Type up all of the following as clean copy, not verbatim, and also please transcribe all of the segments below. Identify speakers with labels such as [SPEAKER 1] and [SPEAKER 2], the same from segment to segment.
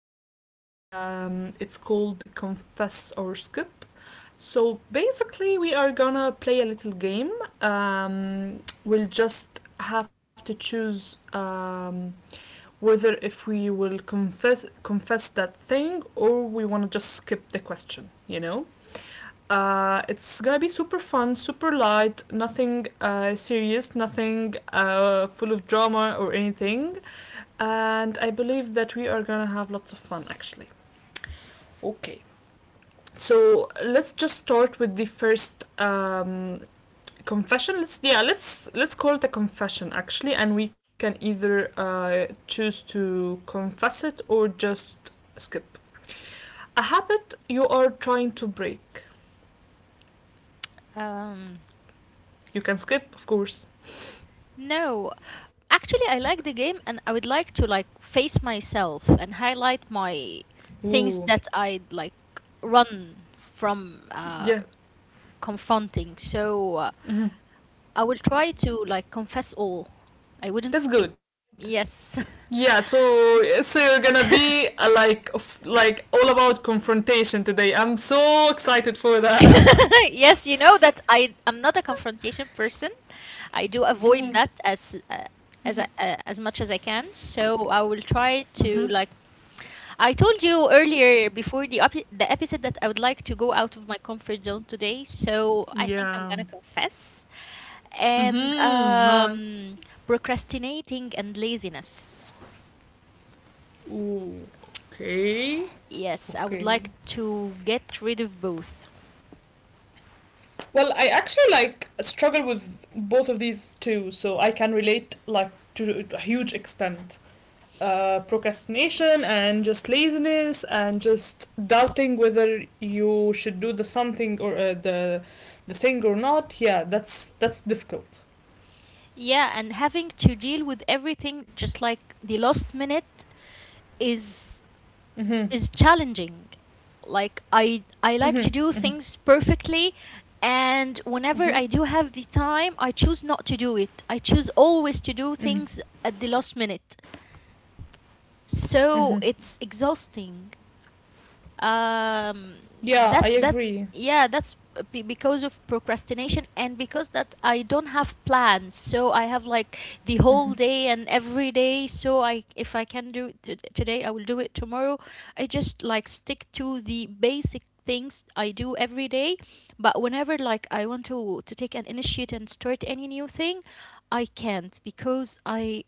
[SPEAKER 1] topic. It's called Confess or Skip. So basically, we are gonna play a little game. Um, we'll just have to choose. Whether if we will confess that thing or we want to just skip the question. It's gonna be super fun, super light, nothing serious, nothing full of drama or anything, and I believe that we are gonna have lots of fun actually. Okay, so let's just start with the first confession. Let's, yeah, let's call it a confession actually, and we can either choose to confess it or just skip. A habit you are trying to break.
[SPEAKER 2] Um,
[SPEAKER 1] You can skip, of course.
[SPEAKER 2] no, actually, I like the game, and I would like to face myself and highlight my
[SPEAKER 1] Ooh,
[SPEAKER 2] things that I run from
[SPEAKER 1] yeah.
[SPEAKER 2] confronting. So
[SPEAKER 1] Hmm.
[SPEAKER 2] I will try to confess all. I wouldn't skip.
[SPEAKER 1] That's good.
[SPEAKER 2] Yes,
[SPEAKER 1] Yeah, so so you're gonna be like like all about confrontation today. I'm so excited for that.
[SPEAKER 2] yes, you know that I'm not a confrontation person. I do avoid that
[SPEAKER 1] Mm-hmm.
[SPEAKER 2] as as much as I can. So I will try
[SPEAKER 1] Mm-hmm.
[SPEAKER 2] to I told you earlier before the episode that I would like to go out of my comfort zone today, so I think I'm gonna
[SPEAKER 1] Yeah.
[SPEAKER 2] confess and
[SPEAKER 1] Mm-hmm. Nice.
[SPEAKER 2] procrastinating and laziness.
[SPEAKER 1] Ooh. Okay. Okay.
[SPEAKER 2] Yes, I would like to get rid of both.
[SPEAKER 1] Well, I actually like struggle with both of these two, so I can relate like to a huge extent. Procrastination and just laziness and just doubting whether you should do the something or uh, the thing or not. Yeah, that's difficult.
[SPEAKER 2] Yeah, and having to deal with everything just like the last minute
[SPEAKER 1] Mhm.
[SPEAKER 2] is is challenging. Like I
[SPEAKER 1] Mhm.
[SPEAKER 2] I like
[SPEAKER 1] Mhm.
[SPEAKER 2] to do things perfectly and
[SPEAKER 1] Mhm.
[SPEAKER 2] whenever I do have the time, I choose not to do it. I choose always to do
[SPEAKER 1] Mhm.
[SPEAKER 2] things at the last minute.
[SPEAKER 1] Mhm.
[SPEAKER 2] So it's exhausting.
[SPEAKER 1] Yeah, I
[SPEAKER 2] Um
[SPEAKER 1] agree.
[SPEAKER 2] that's that yeah That's because of procrastination and because that I don't have plans, so I have like the whole day and every day. So I, if I can do it today, I will do it tomorrow. I just like stick to the basic things I do every day. But whenever like I want to take an initiative and start any new thing, I can't because I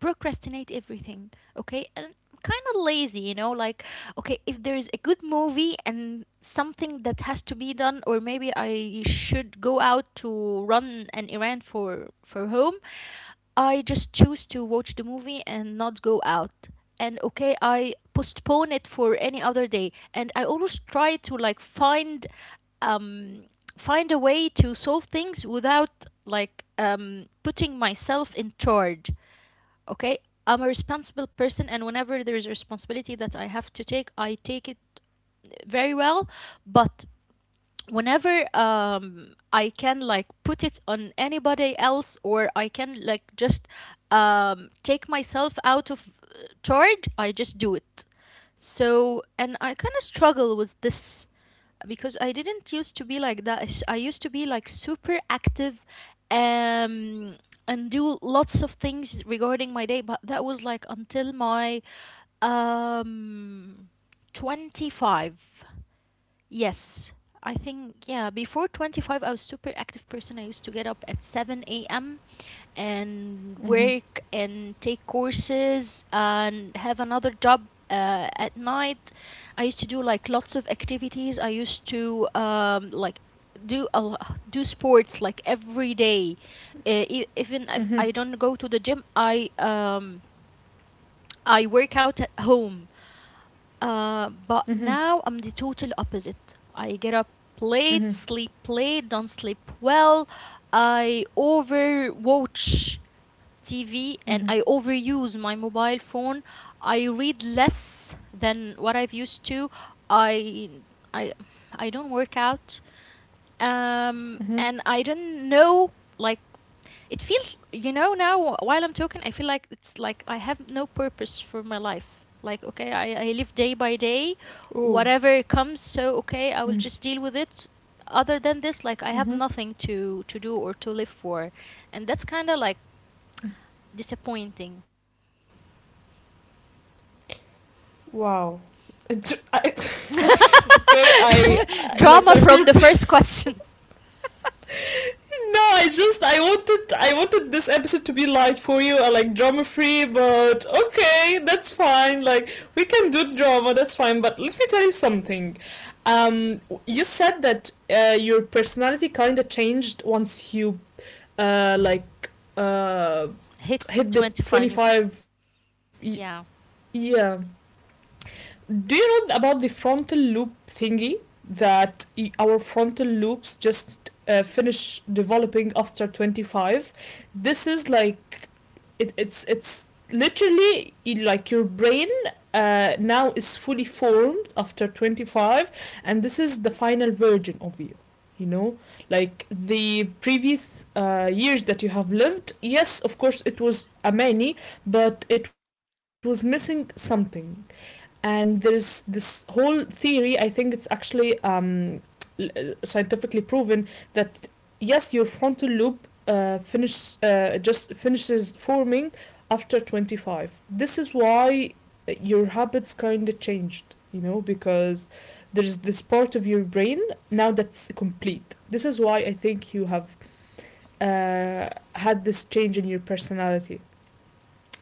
[SPEAKER 2] procrastinate everything. Okay, and I'm kind of lazy, you know, like okay, if there is a good movie and something that has to be done, or maybe I should go out to run an errand for home, I just choose to watch the movie and not go out. And okay, I postpone it for any other day, and I always try to find um find a way to solve things without putting myself in charge. Okay, I'm a responsible person, and whenever there is a responsibility that I have to take, I take it very well. But whenever I can like put it on anybody else, or I can like just take myself out of charge, I just do it. So, and I kind of struggle with this because I didn't used to be like that. I used to be like super active um and do lots of things regarding my day, but that was like until my um 25. Yes. I think yeah, before 25 I was super active person. I used to get up at 7 a.m. and work and take courses and have another job at night. I used to do like lots of activities. I used to do a lo- do sports like every day. Even
[SPEAKER 1] Mhm.
[SPEAKER 2] if I don't go to the gym, I work out at home.
[SPEAKER 1] Mhm.
[SPEAKER 2] But now I'm the total opposite. I get up
[SPEAKER 1] Mhm.
[SPEAKER 2] late, sleep late, don't sleep well. I overwatch TV and
[SPEAKER 1] Mhm.
[SPEAKER 2] I overuse my mobile phone. I read less than what I've used to. I I I don't work out.
[SPEAKER 1] Mhm.
[SPEAKER 2] And I don't know, like it feels, you know, now while I'm talking I feel like it's like I have no purpose for my life. Like okay, I live day by
[SPEAKER 1] Oh.
[SPEAKER 2] day. Whatever comes, so
[SPEAKER 1] Mhm.
[SPEAKER 2] okay, I will just deal with it. Other than this, like I
[SPEAKER 1] Mhm.
[SPEAKER 2] have nothing to do or to live for, and that's kind of like disappointing.
[SPEAKER 1] Wow. It- I- okay, I like my purpose.
[SPEAKER 2] Drama from the first question.
[SPEAKER 1] No, I just I wanted this episode to be like for you like drama free, but okay, that's fine. Like we can do drama, that's fine. But let me tell you something. Um, you said that your personality kind of changed once you uh like uh
[SPEAKER 2] Hit
[SPEAKER 1] hit the
[SPEAKER 2] twenty
[SPEAKER 1] twenty
[SPEAKER 2] 25.
[SPEAKER 1] five.
[SPEAKER 2] Yeah.
[SPEAKER 1] Yeah, do you know about the frontal loop thingy that our frontal loops just finish developing after 25? This is like it's literally like your brain now is fully formed after 25, and this is the final version of you, you know, like the previous years that you have lived, yes, of course it was a many, but it was missing something. And there's this whole theory, I think it's actually scientifically proven that yes, your frontal lobe finish just finishes forming after 25. This is why your habits kind of changed, you know, because there's this part of your brain now that's complete. This is why I think you have uh, had this change in your personality.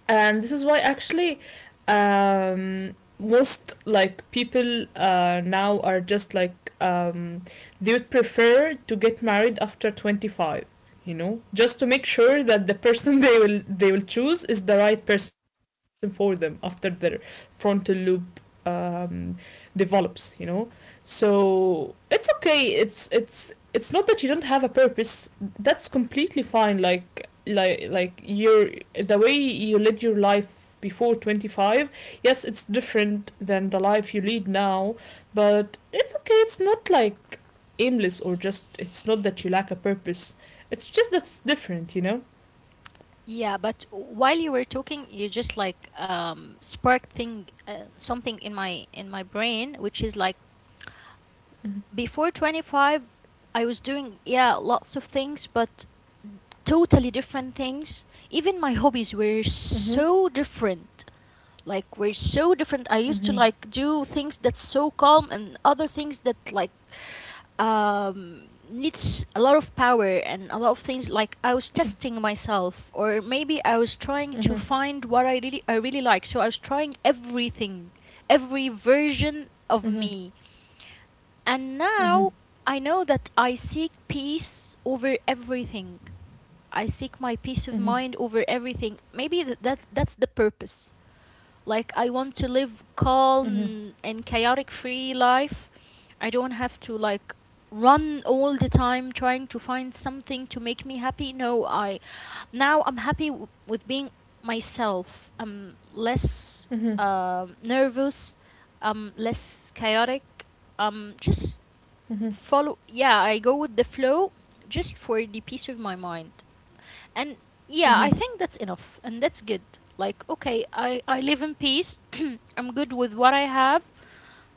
[SPEAKER 1] And this is why actually, most like people now are just like um, they would prefer to get married after 25, you know, just to make sure that the person they will choose is the right person for them after their frontal lobe develops, you know. So it's okay, it's not that you don't have a purpose. That's completely fine. Like like your the way you led your life before 25, yes, it's different than the life you lead now, but it's okay. It's not like aimless or just it's not that you lack a purpose. It's just that's different, you know.
[SPEAKER 2] Yeah, but while you were talking, you just like sparked thing something in my brain, which is like
[SPEAKER 1] Mm-hmm.
[SPEAKER 2] before 25, I was doing, yeah, lots of things, but totally different things. Even my hobbies were
[SPEAKER 1] Mm-hmm.
[SPEAKER 2] so different. Like were so different.
[SPEAKER 1] Mm-hmm.
[SPEAKER 2] I used to like do things that's so calm and other things that like needs a lot of power and a lot of things. Like I was testing myself, or maybe I was trying to find what I really like, so I was trying everything, every version
[SPEAKER 1] Mm-hmm.
[SPEAKER 2] of me. And
[SPEAKER 1] Mm-hmm.
[SPEAKER 2] now I know that I seek peace over everything. I seek my peace of
[SPEAKER 1] Mm-hmm. Mm-hmm.
[SPEAKER 2] mind over everything. Maybe that's the purpose. Like I want to
[SPEAKER 1] Mm-hmm.
[SPEAKER 2] live calm and chaotic free life. I don't have to like run all the time trying to find something to make me happy. No, I now I'm happy with being myself. I'm less
[SPEAKER 1] Mm-hmm.
[SPEAKER 2] nervous. I'm less chaotic. Um just
[SPEAKER 1] Mm-hmm.
[SPEAKER 2] I go with the flow just for the peace of my mind. And yeah, I
[SPEAKER 1] Mm-hmm.
[SPEAKER 2] think that's enough and that's good. Like okay, I live in peace. I'm good with what I have.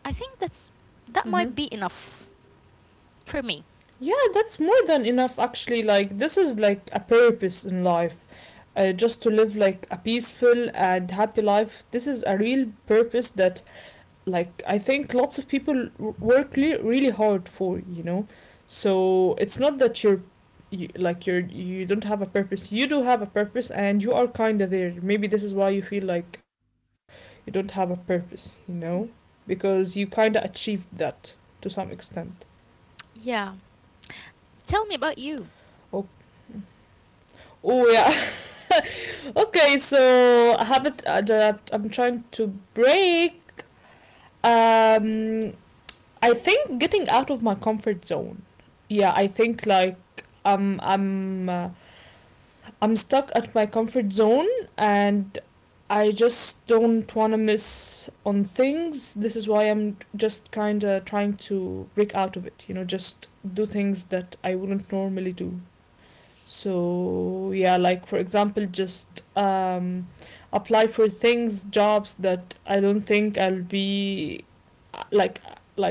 [SPEAKER 2] I think that
[SPEAKER 1] Mm-hmm.
[SPEAKER 2] might be enough for me.
[SPEAKER 1] Yeah, that's more than enough actually. Like this is like a purpose in life, just to live like a peaceful and happy life. This is a real purpose that, like, I think lots of people work really hard for, you know. So it's not that you're you, like you're you don't have a purpose. You do have a purpose and you are kind of there. Maybe this is why you feel like you don't have a purpose, you know, because you kind of achieved that to some extent.
[SPEAKER 2] Yeah. Tell me about you.
[SPEAKER 1] Oh, oh yeah. Okay, so habit adapt I'm trying to break. Um, I think getting out of my comfort zone. Yeah, I think like um, I'm uh, I'm stuck at my comfort zone, and I just don't want to miss on things. This is why I'm just kind of trying to break out of it, you know, just do things that I wouldn't normally do. So, yeah, like for example, just apply for things, jobs that I don't think I'll be like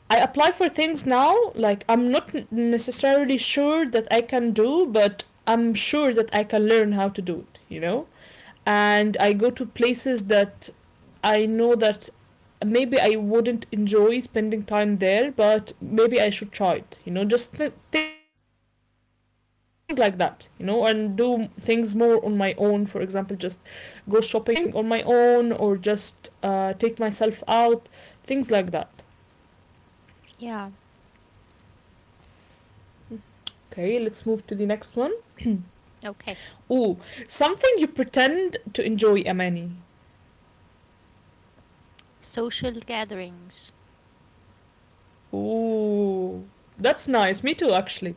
[SPEAKER 1] I apply for things now, like I'm not necessarily sure that I can do, but I'm sure that I can learn how to do it, you know? And I go to places that I know that maybe I wouldn't enjoy spending time there, but maybe I should try it, you know? Just things like that, you know? And do things more on my own, for example, just go shopping on my own or just take myself out, things like that.
[SPEAKER 2] Yeah.
[SPEAKER 1] Okay, let's move to the next one.
[SPEAKER 2] Okay.
[SPEAKER 1] Ooh, something you pretend to enjoy, Amani.
[SPEAKER 2] Social gatherings.
[SPEAKER 1] Ooh, that's nice. Me too, actually.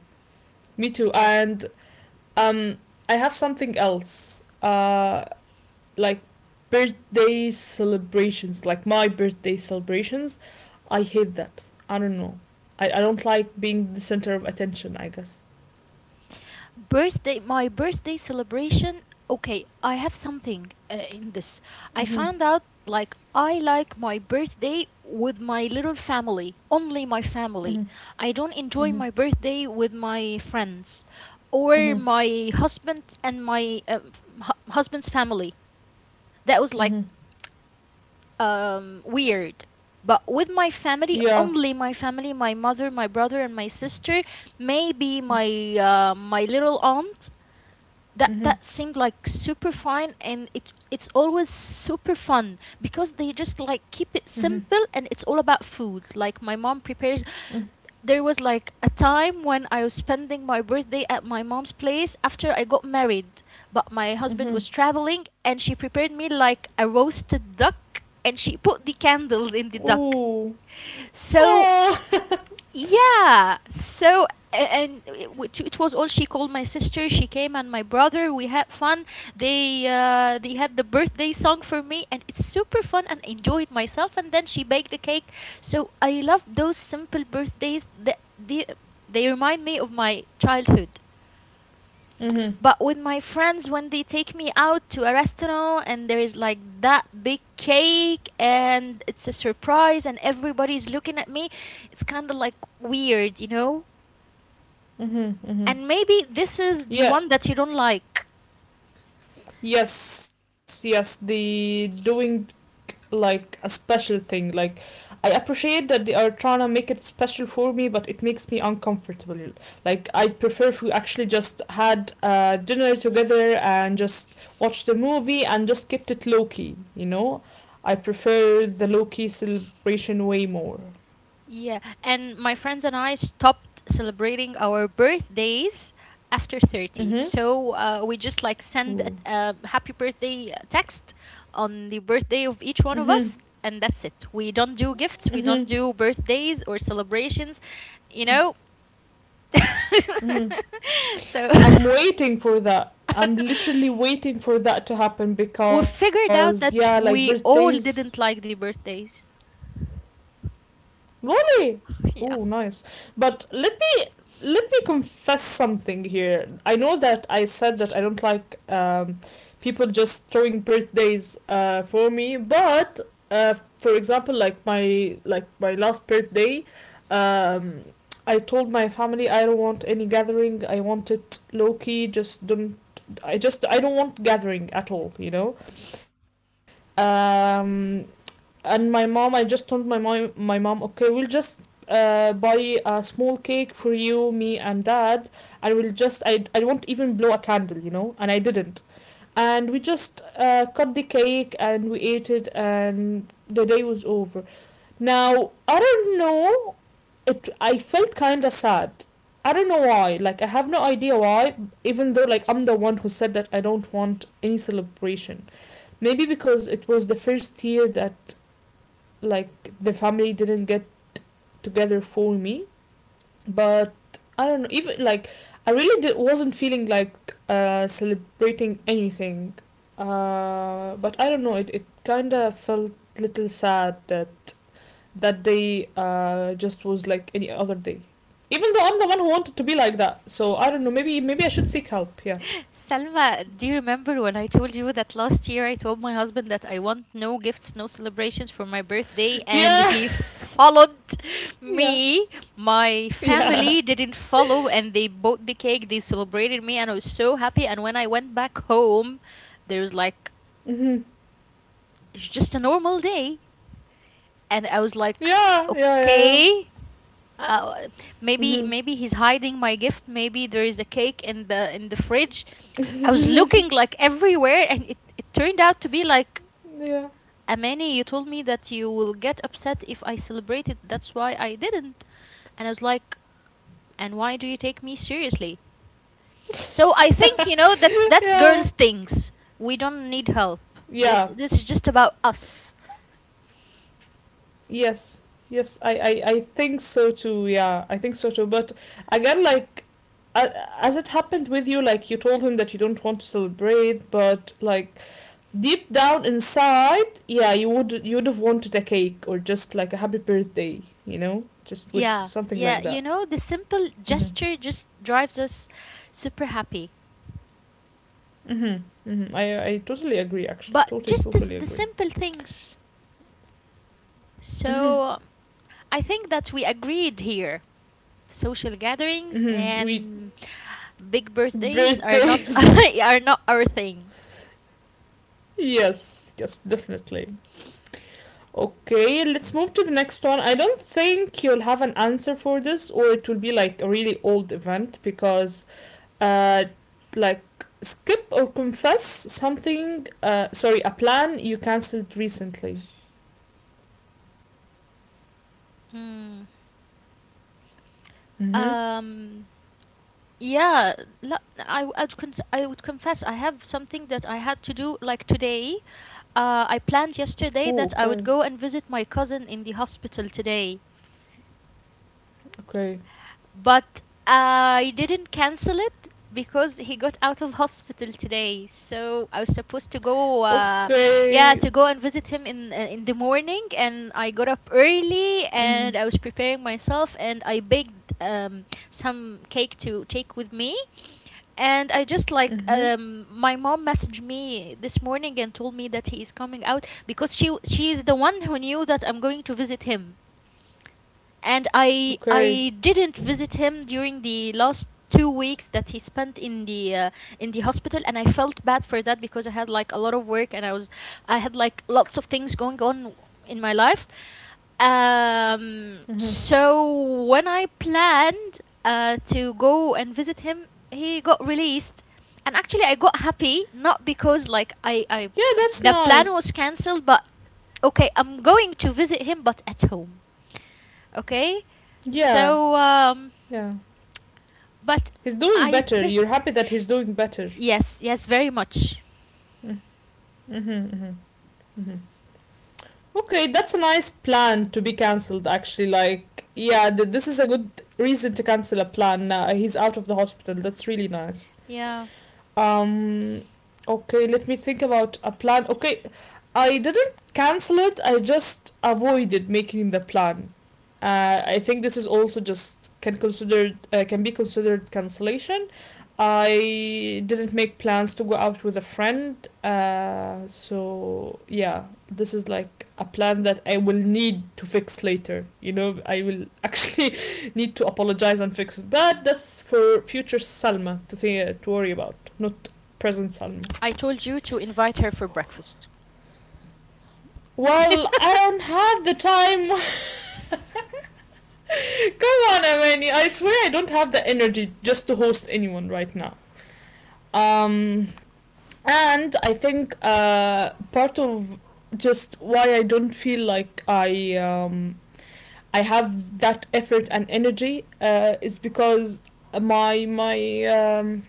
[SPEAKER 1] Me too.
[SPEAKER 2] Yes.
[SPEAKER 1] And um, I have something else. Like birthday celebrations, like my birthday celebrations. I hate that. I don't know. I don't like being the center of attention, I guess.
[SPEAKER 2] Birthday, my birthday celebration. Okay, I have something in this. I found
[SPEAKER 1] Mhm.
[SPEAKER 2] out like I like my birthday with my little family, only my family. I
[SPEAKER 1] Mhm.
[SPEAKER 2] don't enjoy my birthday
[SPEAKER 1] Mhm.
[SPEAKER 2] with my friends or my
[SPEAKER 1] Mhm.
[SPEAKER 2] husband and my husband's family. That was like
[SPEAKER 1] Mhm.
[SPEAKER 2] weird. But with my family,
[SPEAKER 1] Yeah.
[SPEAKER 2] only my family, my mother, my brother and my sister, maybe my
[SPEAKER 1] Mhm.
[SPEAKER 2] my little aunt, that that seemed
[SPEAKER 1] Mhm.
[SPEAKER 2] like super fine, and it's always super fun because they just like keep it
[SPEAKER 1] Mhm.
[SPEAKER 2] simple, and it's all about food. Like my mom prepares, there was like a time when I was spending my birthday at my mom's place after I got married, but my husband was
[SPEAKER 1] Mhm.
[SPEAKER 2] traveling and she prepared me like a roasted duck and she put the candles in the duck.
[SPEAKER 1] Ooh.
[SPEAKER 2] So
[SPEAKER 1] Oh.
[SPEAKER 2] yeah. So it was all, she called my sister. She came, and my brother. We had fun. They had the birthday song for me, and it's super fun, and enjoyed myself. And then she baked a cake. So I love those simple birthdays. That they remind me of my childhood. But
[SPEAKER 1] Mhm.
[SPEAKER 2] with my friends, when they take me out to a restaurant and there is like that big cake, and it's a surprise, and everybody's looking at me, it's kind of like weird, you know?
[SPEAKER 1] Mhm. Mhm.
[SPEAKER 2] And maybe this is the one
[SPEAKER 1] Yeah.
[SPEAKER 2] that you don't like.
[SPEAKER 1] Yes. Yes. The doing like a special thing. Like I appreciate that they are trying to make it special for me, but it makes me uncomfortable. Like I prefer if we actually just had dinner together and just watched the movie and just kept it low key. You know, I prefer the low key celebration way more.
[SPEAKER 2] Yeah, and my friends and I stopped celebrating our birthdays after 30.
[SPEAKER 1] Mhm.
[SPEAKER 2] So we just like send
[SPEAKER 1] Mhm.
[SPEAKER 2] a happy birthday text on the birthday of
[SPEAKER 1] Mhm.
[SPEAKER 2] each one of us, and that's it. We don't do
[SPEAKER 1] Mhm.
[SPEAKER 2] gifts, we don't do birthdays or celebrations, you know?
[SPEAKER 1] Mm-hmm.
[SPEAKER 2] So
[SPEAKER 1] I'm waiting for that. I'm literally waiting for that to happen
[SPEAKER 2] we
[SPEAKER 1] because
[SPEAKER 2] figured
[SPEAKER 1] yeah,
[SPEAKER 2] out
[SPEAKER 1] like
[SPEAKER 2] that we
[SPEAKER 1] birthdays,
[SPEAKER 2] all didn't like the birthdays.
[SPEAKER 1] Lolly. Oh, nice.
[SPEAKER 2] Yeah.
[SPEAKER 1] But let me confess something here. I know that I said that I don't like people just throwing birthdays for me, but for example, like my last birthday, um, I told my family I don't want any gathering. I want it low key. Just don't. I just I don't want gathering at all. You know, um, and my mom, I just told my mom, okay, we'll just buy a small cake for you, me and dad, and we'll just I won't even blow a candle, you know. And I didn't, and we just cut the cake and we ate it, and the day was over. Now I don't know, it I felt kind of sad. I don't know why, like I have no idea why, even though like I'm the one who said that I don't want any celebration. Maybe because it was the first year that like the family didn't get together for me, but I don't know. Even like I really did, wasn't feeling like celebrating anything. But I don't know. It kind of felt a little sad that that day just was like any other day. Even though I'm the one who wanted to be like that, so I don't know. Maybe maybe I should seek help. Yeah.
[SPEAKER 2] Selma, do you remember when I told you that last year I told my husband that I want no gifts, no celebrations for my birthday, and he followed
[SPEAKER 1] Yeah.
[SPEAKER 2] me? My
[SPEAKER 1] Yeah. Yeah.
[SPEAKER 2] family didn't follow, and they bought the cake, they celebrated me, and I was so happy. And when I went back home, there was like,
[SPEAKER 1] Mm-hmm.
[SPEAKER 2] it's just a normal day. And I was like,
[SPEAKER 1] Yeah. Yeah. Yeah. Yeah.
[SPEAKER 2] okay uh, maybe
[SPEAKER 1] Mm-hmm.
[SPEAKER 2] maybe he's hiding my gift, maybe there is a cake in the fridge. I was looking like everywhere, and it turned out to be like,
[SPEAKER 1] Yeah.
[SPEAKER 2] Amani, you told me that you will get upset if I celebrate it, that's why I didn't. And I was like, and why do you take me seriously? So I think, you know, that's
[SPEAKER 1] Yeah.
[SPEAKER 2] girls things. We don't need help.
[SPEAKER 1] Yeah.
[SPEAKER 2] This is just about us.
[SPEAKER 1] Yes. Yes, I think so too. Yeah, I think so too. But again, like, uh, as it happened with you, like, you told him that you don't want to celebrate, but, like, deep down inside, yeah, you would have wanted a cake or just, like, a happy birthday, you know? Just wish
[SPEAKER 2] Yeah,
[SPEAKER 1] something like
[SPEAKER 2] yeah,
[SPEAKER 1] that.
[SPEAKER 2] you know, the simple
[SPEAKER 1] Mm-hmm.
[SPEAKER 2] gesture just drives us super happy.
[SPEAKER 1] Mm-hmm. Mm-hmm. I totally agree, actually.
[SPEAKER 2] But
[SPEAKER 1] Totally,
[SPEAKER 2] just the
[SPEAKER 1] totally
[SPEAKER 2] the
[SPEAKER 1] agree.
[SPEAKER 2] simple things.
[SPEAKER 1] Mm-hmm.
[SPEAKER 2] So I think that we agreed here. Social gatherings
[SPEAKER 1] Mm-hmm. We.
[SPEAKER 2] and big birthdays are not
[SPEAKER 1] Birthdays.
[SPEAKER 2] are not our thing.
[SPEAKER 1] Yes, yes, definitely. Okay, let's move to the next one. I don't think you'll have an answer for this, or it will be like a really old event because, uh, like skip or confess something. Sorry, a plan you cancelled recently.
[SPEAKER 2] Mm.
[SPEAKER 1] Mhm.
[SPEAKER 2] Um. Yeah. I would, I would confess I have something that I had to do like today. I planned yesterday
[SPEAKER 1] Oh,
[SPEAKER 2] that I
[SPEAKER 1] okay,
[SPEAKER 2] would go and visit my cousin in the hospital today.
[SPEAKER 1] okay,
[SPEAKER 2] But I didn't cancel it because he got out of hospital today. So I was supposed to go, yeah,
[SPEAKER 1] okay.
[SPEAKER 2] to go and visit him in the morning. And I got up early
[SPEAKER 1] Mhm.
[SPEAKER 2] and I was preparing myself and I baked some cake to take with me. And I just like
[SPEAKER 1] Mhm.
[SPEAKER 2] my mom messaged me this morning and told me that he is coming out because she is the one who knew that I'm going to visit him, and
[SPEAKER 1] Okay.
[SPEAKER 2] I didn't visit him during the last 2 weeks that he spent in the hospital, and I felt bad for that because I had like a lot of work and I was, I had like lots of things going on in my life.
[SPEAKER 1] Mhm.
[SPEAKER 2] So when I planned to go and visit him, he got released. And actually, I got happy not because like I
[SPEAKER 1] Yeah, that's
[SPEAKER 2] the plan
[SPEAKER 1] nice.
[SPEAKER 2] was cancelled, but okay, I'm going to visit him, but at home. Okay.
[SPEAKER 1] Yeah,
[SPEAKER 2] So,
[SPEAKER 1] yeah.
[SPEAKER 2] but
[SPEAKER 1] He's doing
[SPEAKER 2] I
[SPEAKER 1] better. You're
[SPEAKER 2] think,
[SPEAKER 1] happy that he's doing better.
[SPEAKER 2] yes, yes, very much.
[SPEAKER 1] Mhm. Mm-hmm, mm-hmm, mm-hmm. Okay, that's a nice plan to be cancelled, actually. Like, yeah, this is a good reason to cancel a plan. Now he's out of the hospital. That's really nice.
[SPEAKER 2] Yeah.
[SPEAKER 1] Um, okay, let me think about a plan. Okay, I didn't cancel it. I just avoided making the plan. I think this is also just can considered can be considered cancellation. I didn't make plans to go out with a friend. So yeah, this is like a plan that I will need to fix later. You know, I will actually need to apologize and fix it. But that's for future Salma to think to worry about, not present Salma.
[SPEAKER 2] I told you to invite her for breakfast,
[SPEAKER 1] Well, I don't have the time. Come on, Amani. I swear I don't have the energy just to host anyone right now. Um, and I think part of just why I don't feel like I have that effort and energy is because my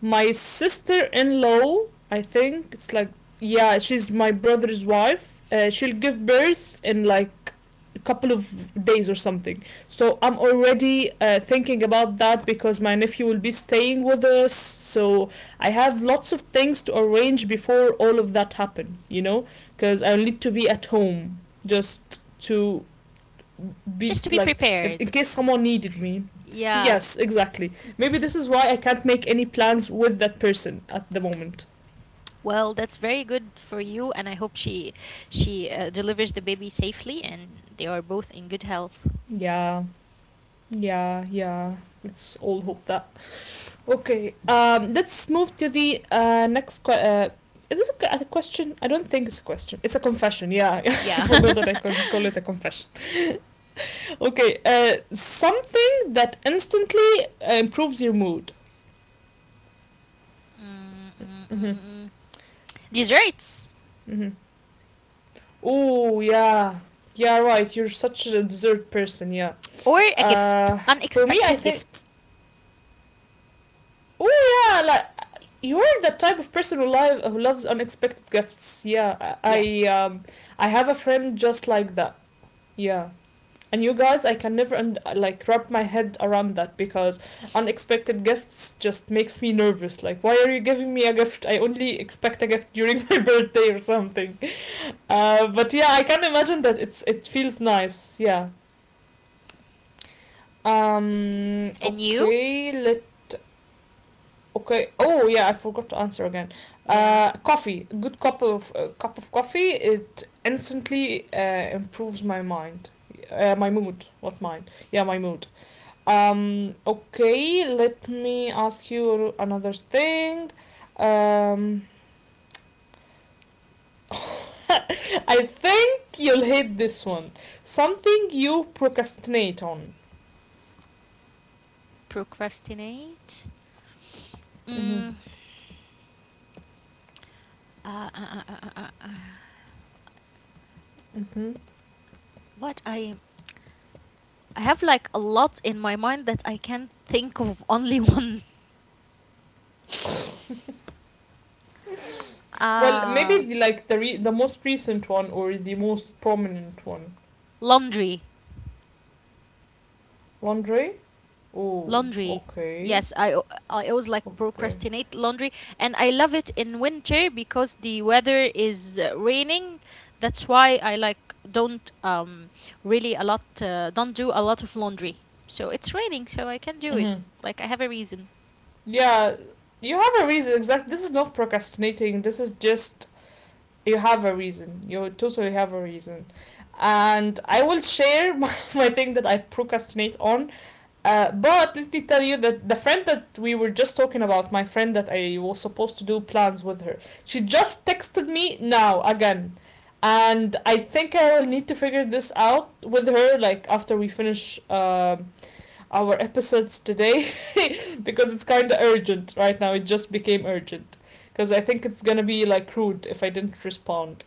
[SPEAKER 1] my sister-in-law, I think it's like yeah, she's my brother's wife. She'll give birth in like a couple of days or something, so I'm already thinking about that because my nephew will be staying with us. So I have lots of things to arrange before all of that happen. Because I need to be at home just to be
[SPEAKER 2] just to be
[SPEAKER 1] like if in
[SPEAKER 2] prepared.
[SPEAKER 1] case someone needed me.
[SPEAKER 2] Yeah.
[SPEAKER 1] Yes, exactly. Maybe
[SPEAKER 2] S-
[SPEAKER 1] this is why I can't make any plans with that person at the moment.
[SPEAKER 2] Well, that's very good for you, and I hope she delivers the baby safely, and they are both in good health.
[SPEAKER 1] Yeah, yeah, yeah. Let's all hope that. Okay. Let's move to the next. Is this a, a question? I don't think it's a question. It's a confession. Yeah, I
[SPEAKER 2] Yeah.
[SPEAKER 1] forgot that I can call it a confession. Okay. Something that instantly improves your mood. Mm-hmm.
[SPEAKER 2] Mm-mm-mm-mm. Desserts
[SPEAKER 1] Mm-hmm. Oh yeah, yeah right. You're such a dessert person. Yeah.
[SPEAKER 2] or a
[SPEAKER 1] Uh,
[SPEAKER 2] gift,
[SPEAKER 1] for me, I
[SPEAKER 2] unexpected
[SPEAKER 1] think.
[SPEAKER 2] gift.
[SPEAKER 1] Oh yeah, like you're the type of person who loves unexpected gifts. Yeah, I I,
[SPEAKER 2] Yes.
[SPEAKER 1] um I have a friend just like that. Yeah. And you guys, I can never like wrap my head around that because unexpected gifts just makes me nervous. Like, why are you giving me a gift? I only expect a gift during my birthday or something. But yeah, I can imagine that it feels nice. Yeah.
[SPEAKER 2] And you?
[SPEAKER 1] Okay. Let. Okay. Oh yeah, I forgot to answer again.
[SPEAKER 2] Yeah.
[SPEAKER 1] Coffee. A good cup of coffee. It instantly improves my mind. My mood. What mind? Yeah, my mood. Okay. Let me ask you another thing. Um. I think you'll hate this one. Something you procrastinate on.
[SPEAKER 2] Procrastinate.
[SPEAKER 1] Mhm.
[SPEAKER 2] Mm, Uh, uh, uh, uh, uh, uh, uh.
[SPEAKER 1] Mhm.
[SPEAKER 2] What I have like a lot in my mind that I can't think of only one.
[SPEAKER 1] Well,
[SPEAKER 2] Uh,
[SPEAKER 1] maybe the, like the most recent one or the most prominent one.
[SPEAKER 2] Laundry,
[SPEAKER 1] Laundry. Oh,
[SPEAKER 2] laundry. Yes, I always like procrastinate laundry, and I love it in winter because the weather is raining. That's why I like don't really a lot don't do a lot of laundry. So it's raining, so I can do it.
[SPEAKER 1] mm-hmm.
[SPEAKER 2] Like I have a reason.
[SPEAKER 1] Yeah. You have a reason. Exactly. This is not procrastinating. This is just you have a reason. You totally have a reason. And I will share my thing that I procrastinate on. But let me tell you that the friend that we were just talking about, my friend that I was supposed to do plans with her, she just texted me now again. And I think I will need to figure this out with her, like after we finish our episodes today, because it's kind of urgent right now. It just became urgent. Because I think it's gonna be like rude if I didn't respond.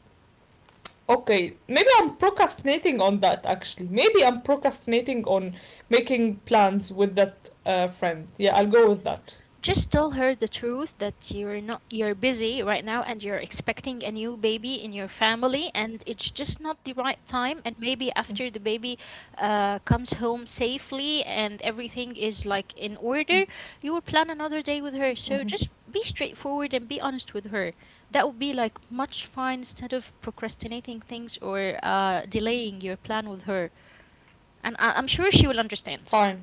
[SPEAKER 1] Okay, maybe I'm procrastinating on that actually. Maybe I'm procrastinating on making plans with that friend. Yeah, I'll go with that.
[SPEAKER 2] Just tell her the truth that you're not you're busy right now, and you're expecting a new baby in your family, and it's just not the right
[SPEAKER 1] Mm-hmm.
[SPEAKER 2] time. And maybe after the baby comes home safely and everything is like in order, you will plan another day with her.
[SPEAKER 1] Mm-hmm.
[SPEAKER 2] So just be straightforward and be honest with her. That would be like much fine instead of procrastinating things or delaying your plan with her. And I'm sure she will understand.
[SPEAKER 1] Fine.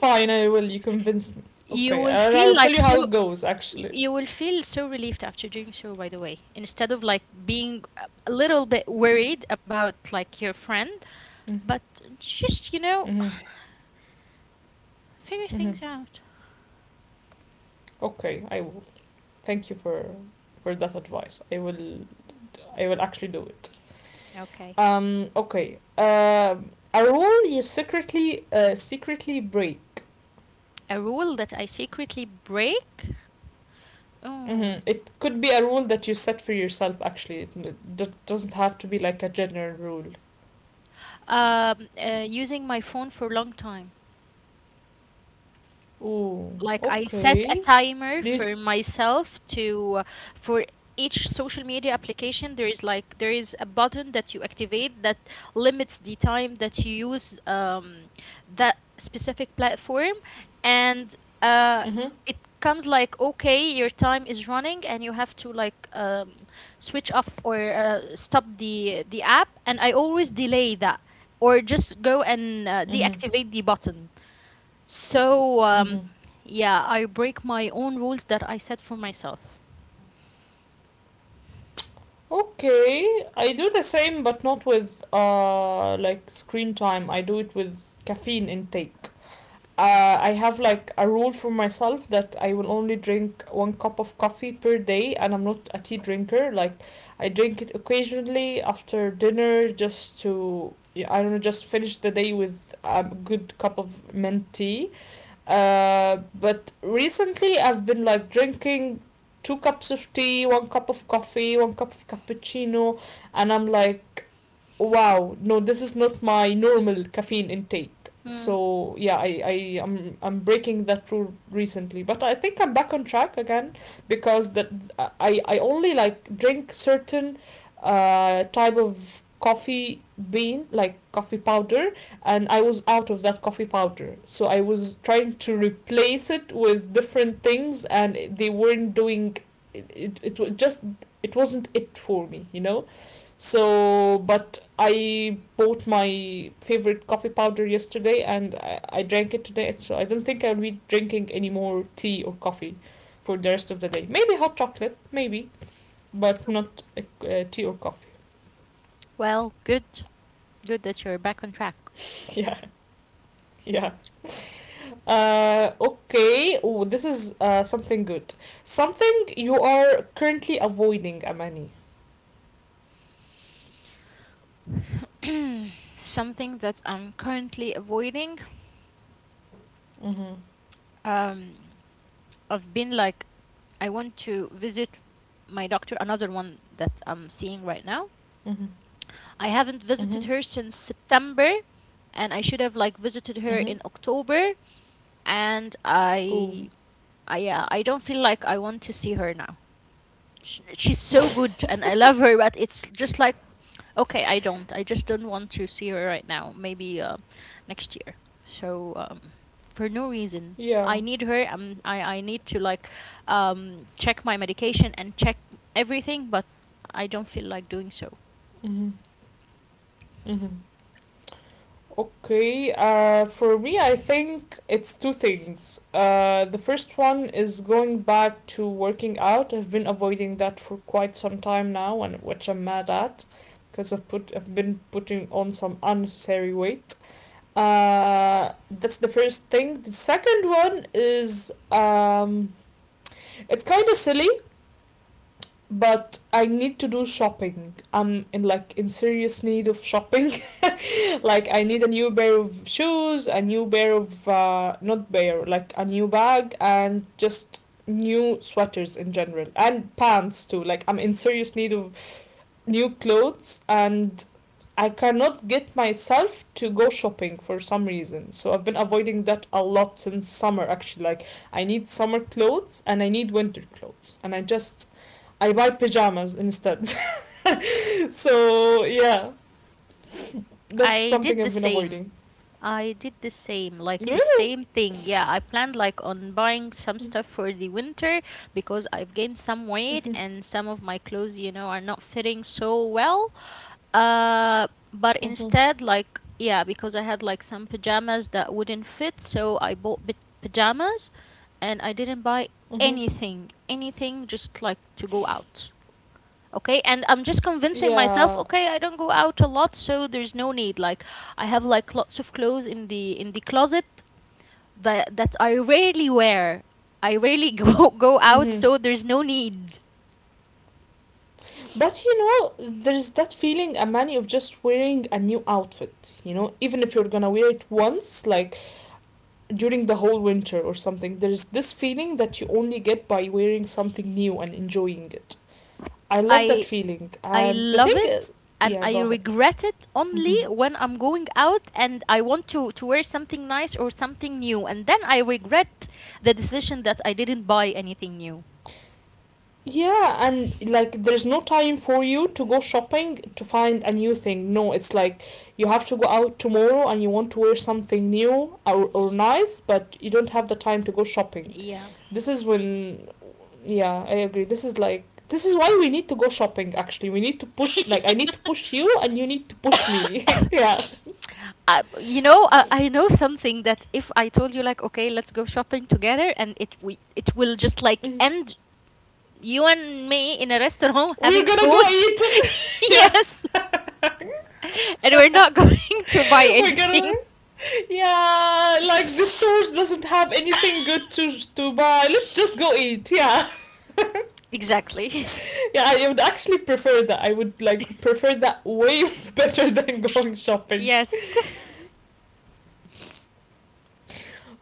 [SPEAKER 1] Fine, I will. You convinced me.
[SPEAKER 2] You
[SPEAKER 1] Okay,
[SPEAKER 2] will
[SPEAKER 1] and
[SPEAKER 2] feel
[SPEAKER 1] I'll tell
[SPEAKER 2] like
[SPEAKER 1] you
[SPEAKER 2] so
[SPEAKER 1] how it goes actually.
[SPEAKER 2] you will feel so relieved after doing so, by the way, instead of like being a little bit worried about like your friend, but just
[SPEAKER 1] Mm-hmm.
[SPEAKER 2] figure
[SPEAKER 1] Mm-hmm.
[SPEAKER 2] things out.
[SPEAKER 1] Okay, I will. Thank you for that advice. I will actually do it.
[SPEAKER 2] Okay.
[SPEAKER 1] Okay. A rule you secretly secretly break.
[SPEAKER 2] A rule that I secretly break. Oh.
[SPEAKER 1] Mm-hmm. It could be a rule that you set for yourself, actually. Doesn't have to be like a general rule.
[SPEAKER 2] Using my phone for a long time,
[SPEAKER 1] Ooh,
[SPEAKER 2] like I set a
[SPEAKER 1] okay.
[SPEAKER 2] timer
[SPEAKER 1] These.
[SPEAKER 2] for myself to for each social media application. There is a button that you activate that limits the time that you use that specific platform. And
[SPEAKER 1] Mm-hmm.
[SPEAKER 2] it comes like, okay, your time is running and you have to like switch off or stop the app. And I always delay that, or just go and
[SPEAKER 1] Mm-hmm.
[SPEAKER 2] deactivate the button. So,
[SPEAKER 1] Mm-hmm.
[SPEAKER 2] yeah, I break my own rules that I set for myself.
[SPEAKER 1] Okay, I do the same, but not with like screen time. I do it with caffeine intake. Uh, I have like a rule for myself that I will only drink one cup of coffee per day, and I'm not a tea drinker. Like, I drink it occasionally after dinner just to, yeah, I don't know, just finish the day with a good cup of mint tea. But recently I've been like drinking two cups of tea, one cup of coffee, one cup of cappuccino, and I'm like, wow, no, this is not my normal caffeine intake.
[SPEAKER 2] Hmm.
[SPEAKER 1] So yeah, I'm breaking that rule recently, but I think I'm back on track again because that I only like drink certain type of coffee bean, like coffee powder, and I was out of that coffee powder. So I was trying to replace it with different things, and they weren't doing it. It just it wasn't it for me, you know. So, but I bought my favorite coffee powder yesterday, and I drank it today. So I don't think I'll be drinking any more tea or coffee for the rest of the day. Maybe hot chocolate, maybe, but not tea or coffee.
[SPEAKER 2] Well, good. Good that you're back on track.
[SPEAKER 1] Yeah, yeah. Okay. Oh, this is something good. Something you are currently avoiding, Amani.
[SPEAKER 2] Something that I'm currently avoiding.
[SPEAKER 1] Mhm.
[SPEAKER 2] Um, I've been like, I want to visit my doctor, another one that I'm seeing right now.
[SPEAKER 1] Mhm.
[SPEAKER 2] I haven't
[SPEAKER 1] Mhm.
[SPEAKER 2] visited her since September, and I should have like visited her
[SPEAKER 1] Mhm.
[SPEAKER 2] in October. And
[SPEAKER 1] Oh,
[SPEAKER 2] I, yeah, I don't feel like I want to see her now. She's so good and I love her, but it's just like, okay, I don't. I just don't want to see her right now. Maybe next year. So, for no reason.
[SPEAKER 1] yeah.
[SPEAKER 2] I need her. I need to like check my medication and check everything, but I don't feel like doing so.
[SPEAKER 1] Mhm. Mhm. Okay. For me, I think it's two things. The first one is going back to working out. I've been avoiding that for quite some time now, and which I'm mad at, because I've been putting on some unnecessary weight. That's the first thing. The second one is it's kind of silly, but I need to do shopping. I'm in like in serious need of shopping. Like I need a new pair of shoes, a new pair of not pair, like a new bag, and just new sweaters in general and pants too. Like I'm in serious need of new clothes and I cannot get myself to go shopping for some reason. So I've been avoiding that a lot since summer actually. Like I need summer clothes and I need winter clothes and I buy pajamas instead. So yeah, that's
[SPEAKER 2] I
[SPEAKER 1] something I've
[SPEAKER 2] did the
[SPEAKER 1] been avoiding.
[SPEAKER 2] same I did the same, like the
[SPEAKER 1] Really?
[SPEAKER 2] same thing. Yeah, I planned like on buying some stuff for the winter because I've gained some weight, and some of my clothes, are not fitting so well. But
[SPEAKER 1] Mhm.
[SPEAKER 2] instead, like, yeah, because I had like some pajamas that wouldn't fit, so I bought bit pajamas, and I didn't buy
[SPEAKER 1] Mhm.
[SPEAKER 2] anything, anything just like to go out. Okay, and I'm just convincing myself,
[SPEAKER 1] Yeah.
[SPEAKER 2] okay, I don't go out a lot, so there's no need, like, I have like lots of clothes in the closet that I rarely wear. I rarely go go out,
[SPEAKER 1] Mm-hmm.
[SPEAKER 2] so there's no need.
[SPEAKER 1] But you know, there's that feeling, Amani, of just wearing a new outfit. You know, even if you're gonna wear it once, like during the whole winter or something. There is this feeling that you only get by wearing something new and enjoying it. I love that
[SPEAKER 2] i
[SPEAKER 1] feeling.
[SPEAKER 2] i
[SPEAKER 1] And the
[SPEAKER 2] love
[SPEAKER 1] thing,
[SPEAKER 2] it, and
[SPEAKER 1] yeah, go
[SPEAKER 2] I
[SPEAKER 1] ahead.
[SPEAKER 2] regret it
[SPEAKER 1] Mm-hmm.
[SPEAKER 2] only when I'm going out and I want to wear something nice or something new, and then I regret the decision that I didn't buy anything new.
[SPEAKER 1] Yeah, and like there's no time for you to go shopping to find a new thing. No, it's like you have to go out tomorrow and you want to wear something new or nice, but you don't have the time to go shopping.
[SPEAKER 2] Yeah,
[SPEAKER 1] This is when yeah, I agree, this is like this is why we need to go shopping actually. We need to push, like I need to push you and you need to push me. Yeah,
[SPEAKER 2] I know something, that if I told you like, okay, let's go shopping together, and it will just like end you and me in a restaurant having
[SPEAKER 1] we're gonna go
[SPEAKER 2] food.
[SPEAKER 1] eat. Yeah,
[SPEAKER 2] Yes, and we're not going to buy
[SPEAKER 1] we're gonna,
[SPEAKER 2] anything.
[SPEAKER 1] yeah, like the stores doesn't have anything good to buy, let's just go eat. Yeah.
[SPEAKER 2] Exactly.
[SPEAKER 1] Yeah, I would actually prefer that. I would like prefer that way better than going shopping.
[SPEAKER 2] Yes.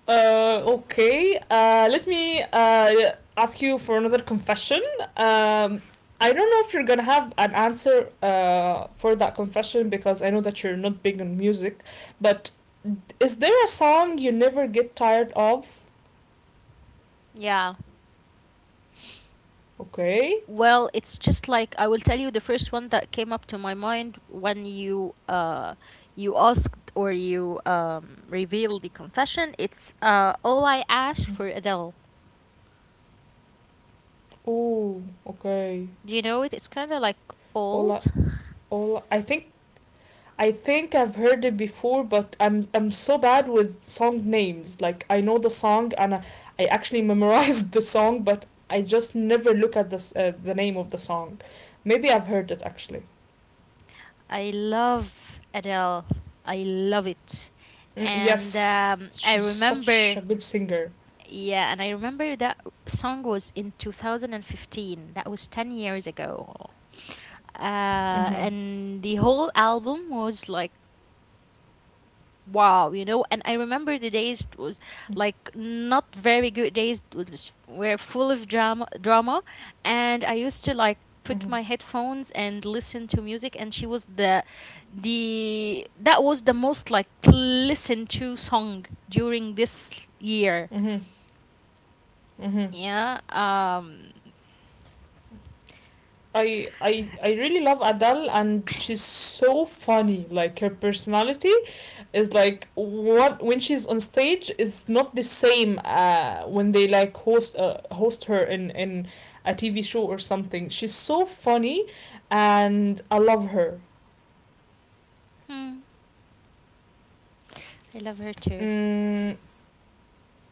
[SPEAKER 1] Okay. Let me ask you for another confession. Um, I don't know if you're gonna have an answer for that confession because I know that you're not big on music, but is there a song you never get tired of?
[SPEAKER 2] Yeah.
[SPEAKER 1] Okay.
[SPEAKER 2] Well, it's just like I will tell you the first one that came up to my mind when you asked, or you revealed the confession. It's all I ask for Adele.
[SPEAKER 1] Ooh. Okay.
[SPEAKER 2] Do you know it? It's kind of like old.
[SPEAKER 1] All I, all I think I've heard it before, but I'm so bad with song names. Like I know the song and I actually memorized the song, but I just never look at this the name of the song. Maybe I've heard it actually.
[SPEAKER 2] I love Adele. I love it.
[SPEAKER 1] Mm,
[SPEAKER 2] And
[SPEAKER 1] yes,
[SPEAKER 2] I
[SPEAKER 1] she's such a
[SPEAKER 2] remember,
[SPEAKER 1] good singer.
[SPEAKER 2] yeah, and I remember that song was in 2015. That was 10 years ago.
[SPEAKER 1] Mhm.
[SPEAKER 2] And the whole album was like wow. And I remember the days, it was like not very good days, were full of drama, drama. And I used to like put
[SPEAKER 1] Mhm.
[SPEAKER 2] my headphones and listen to music, and she was the that was the most like listened to song during this year.
[SPEAKER 1] Mhm. Mhm.
[SPEAKER 2] Yeah.
[SPEAKER 1] I really love Adele and she's so funny. Like her personality is like what when she's on stage is not the same when they like host her in a TV show or something. She's so funny and I love her.
[SPEAKER 2] Hmm, I love her too.
[SPEAKER 1] Mm,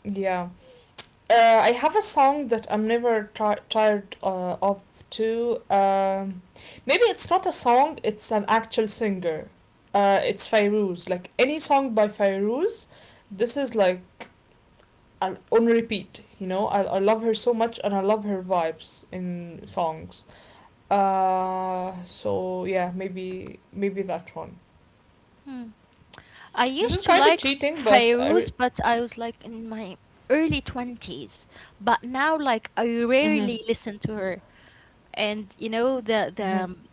[SPEAKER 1] yeah. I have a song that I'm never ti tired of too. Maybe it's not a song; it's an actual singer. It's Fairuz. Like any song by Fairuz, this is like on repeat. You know, I love her so much, and I love her vibes in songs. So yeah, maybe that one.
[SPEAKER 2] Hmm. I
[SPEAKER 1] This is
[SPEAKER 2] used
[SPEAKER 1] kind
[SPEAKER 2] to
[SPEAKER 1] of
[SPEAKER 2] like
[SPEAKER 1] cheating, but I. Re-
[SPEAKER 2] Fairuz, but I was like in my early 20s. But now, like, I
[SPEAKER 1] mhm.
[SPEAKER 2] rarely listen to her. And,
[SPEAKER 1] Mhm.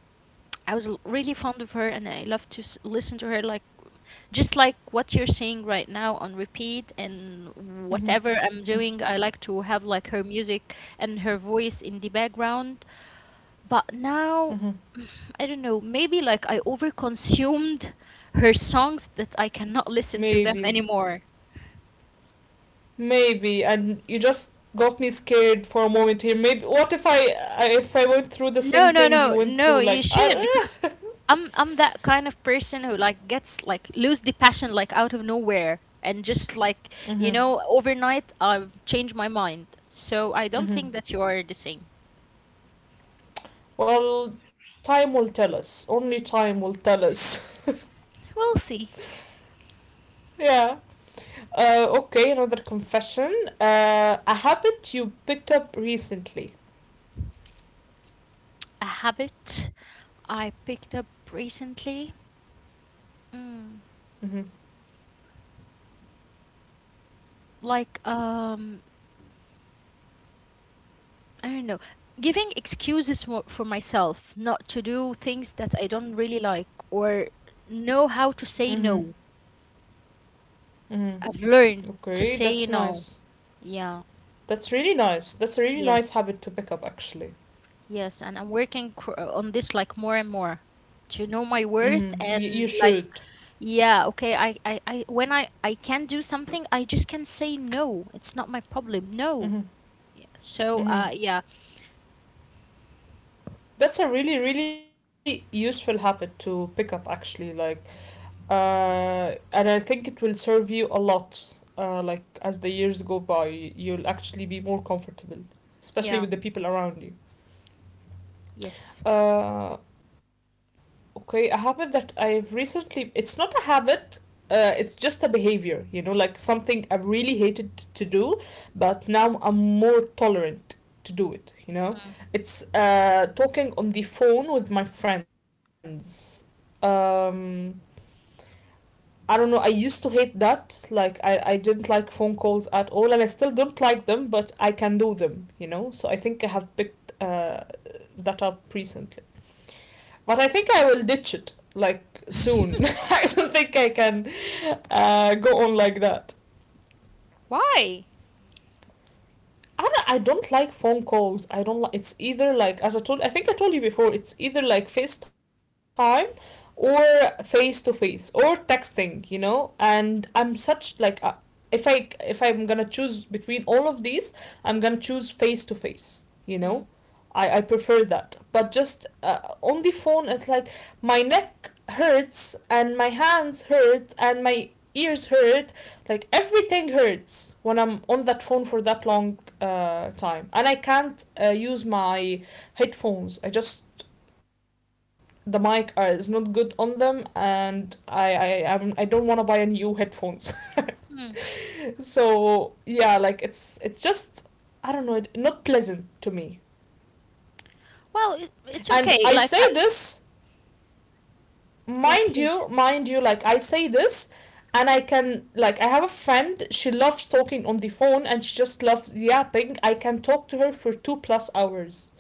[SPEAKER 2] I was really fond of her, and I love to listen to her, like, just like what you're saying right now on repeat. And
[SPEAKER 1] Mhm.
[SPEAKER 2] whatever I'm
[SPEAKER 1] Mhm.
[SPEAKER 2] doing, I like to have like her music and her voice in the background. But now,
[SPEAKER 1] Mhm.
[SPEAKER 2] I don't know, maybe like I overconsumed her songs that I cannot listen
[SPEAKER 1] Maybe.
[SPEAKER 2] to them anymore.
[SPEAKER 1] Maybe, and you just got me scared for a moment here. Maybe what if I went through the
[SPEAKER 2] No,
[SPEAKER 1] same
[SPEAKER 2] no,
[SPEAKER 1] thing
[SPEAKER 2] no,
[SPEAKER 1] you went
[SPEAKER 2] no,
[SPEAKER 1] through?
[SPEAKER 2] you
[SPEAKER 1] Like,
[SPEAKER 2] shouldn't, because I'm that kind of person who like gets like lose the passion like out of nowhere, and just like
[SPEAKER 1] mm-hmm,
[SPEAKER 2] overnight I've changed my mind. So I don't think that you
[SPEAKER 1] mm-hmm.
[SPEAKER 2] are the same.
[SPEAKER 1] Well, time will tell us. Only time will tell us.
[SPEAKER 2] We'll see.
[SPEAKER 1] Yeah. Okay, another confession. A habit you picked up recently.
[SPEAKER 2] A habit I picked up recently, mm,
[SPEAKER 1] Mm-hmm.
[SPEAKER 2] like I don't know, giving excuses for myself not to do things that I don't really like, or know how
[SPEAKER 1] Mm-hmm.
[SPEAKER 2] to say no.
[SPEAKER 1] Mm-hmm.
[SPEAKER 2] I've learned
[SPEAKER 1] Okay,
[SPEAKER 2] to
[SPEAKER 1] that's
[SPEAKER 2] say
[SPEAKER 1] nice.
[SPEAKER 2] no. Yeah.
[SPEAKER 1] That's really nice. That's a really
[SPEAKER 2] Yes.
[SPEAKER 1] nice habit to pick up, actually.
[SPEAKER 2] Yes. And I'm working on this like more and more, to know my worth
[SPEAKER 1] Mm-hmm. Y- you
[SPEAKER 2] and like,
[SPEAKER 1] should.
[SPEAKER 2] yeah, okay, I when I can do something, I just can say no. It's not my problem, no.
[SPEAKER 1] Mm-hmm.
[SPEAKER 2] Yeah. So,
[SPEAKER 1] Mm-hmm.
[SPEAKER 2] yeah,
[SPEAKER 1] That's a really, really useful habit to pick up, actually. Like, and I think it will serve you a lot. Like as the years go by, you'll actually be more comfortable,
[SPEAKER 2] yeah,
[SPEAKER 1] especially with the people around you.
[SPEAKER 2] yes,
[SPEAKER 1] Uh, Okay, a habit that I've recently, it's not a habit, it's just a behavior, you know, like something I really hated to do, but now I'm more tolerant to do it, you know?
[SPEAKER 2] mm.
[SPEAKER 1] It's talking on the phone with my friends. Um, I don't know, I used to hate that. Like, I didn't like phone calls at all, and I still don't like them, but I can do them, you know? So I think I have picked that up recently. But I think I will ditch it like soon. I don't think I can go on like that.
[SPEAKER 2] Why?
[SPEAKER 1] I don't like phone calls. I don't like. It's either like as I told. I think I told you before. It's either like FaceTime or face to face or texting. You know, and I'm such like. A, if I'm gonna choose between all of these, I'm gonna choose face to face. You know,
[SPEAKER 2] Hmm.
[SPEAKER 1] I prefer that. But just on the phone, it's like my neck hurts and my hands hurt and my ears hurt. Like everything hurts when I'm on that phone for that long time. And I can't use my headphones. I just the mic is not good on them, and I don't want to buy a new headphones.
[SPEAKER 2] Hmm.
[SPEAKER 1] So yeah, like it's just I don't know, not pleasant to me.
[SPEAKER 2] Well, it's
[SPEAKER 1] And I
[SPEAKER 2] okay,
[SPEAKER 1] say
[SPEAKER 2] like, I.
[SPEAKER 1] this,
[SPEAKER 2] Yeah,
[SPEAKER 1] mind you
[SPEAKER 2] please.
[SPEAKER 1] mind you like I say this. And I can, like, I have a friend, she loves talking on the phone, and she just loves yapping. I can talk to her for 2+ hours,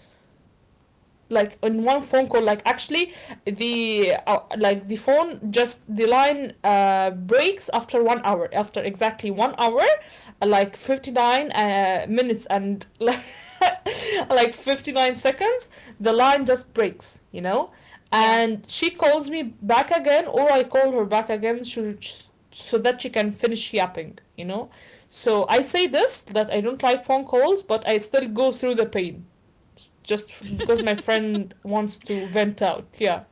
[SPEAKER 1] like in one phone call, like actually the like the phone just the line breaks after 1 hour, after exactly 1 hour, like 59 minutes and like like 59 seconds the line just breaks, you know?
[SPEAKER 2] Yeah.
[SPEAKER 1] And she calls me back again, or I call her back again, so, so that she can finish yapping, you know. So I say this, that I don't like phone calls, but I still go through the pain just because my friend wants to vent out. Yeah.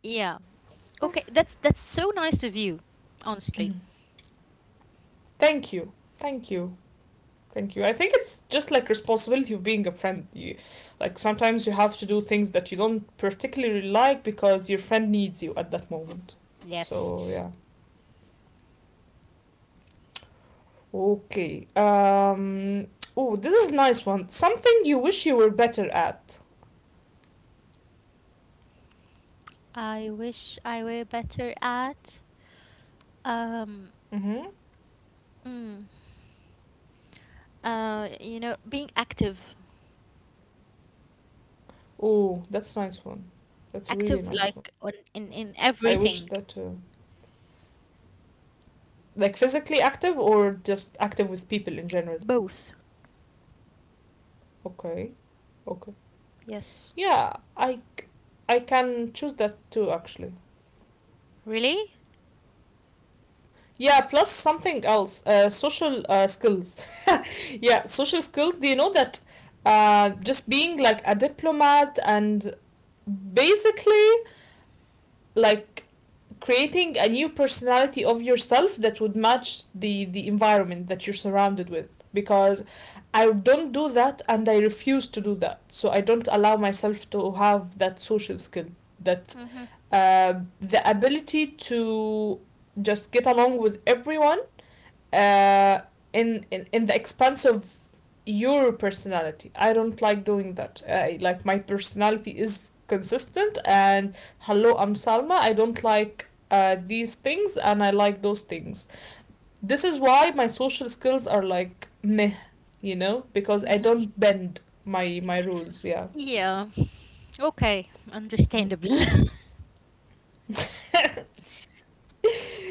[SPEAKER 2] Yeah, okay, that's so nice of you,
[SPEAKER 1] Mm-hmm.
[SPEAKER 2] honestly.
[SPEAKER 1] Thank you. Thank you. Thank you. I think it's just like responsibility of being a friend. You, like sometimes you have to do things that you don't particularly like because your friend needs you at that moment. So yeah.
[SPEAKER 2] Yes.
[SPEAKER 1] Okay. Oh, this is a nice one. Something you wish you were better at.
[SPEAKER 2] I wish I were better at um
[SPEAKER 1] Mm-hmm.
[SPEAKER 2] mm, being active,
[SPEAKER 1] Oh, that's a nice one. That's a
[SPEAKER 2] active
[SPEAKER 1] really nice
[SPEAKER 2] like
[SPEAKER 1] one.
[SPEAKER 2] on in
[SPEAKER 1] I
[SPEAKER 2] in
[SPEAKER 1] wish that.
[SPEAKER 2] everything.
[SPEAKER 1] Like physically active or just active with people in general.
[SPEAKER 2] Both.
[SPEAKER 1] Okay. Okay.
[SPEAKER 2] Yes.
[SPEAKER 1] Yeah. I I can choose that too actually.
[SPEAKER 2] Really.
[SPEAKER 1] Yeah, plus something else, social skills. Yeah, social skills. Do you know that just being like a diplomat and basically like creating a new personality of yourself that would match the environment that you're surrounded with, because I don't do that and I refuse to do that. So I don't allow myself to have that social skill, that
[SPEAKER 2] Hmm.
[SPEAKER 1] uh, the ability to just get along with everyone uh, in the expense of your personality. I don't like doing that. I, like my personality is consistent, and hello, I'm Salma. I don't like these things, and I like those things. This is why my social skills are like meh, you know, because I don't bend my rules. Yeah,
[SPEAKER 2] Yeah, okay, understandable.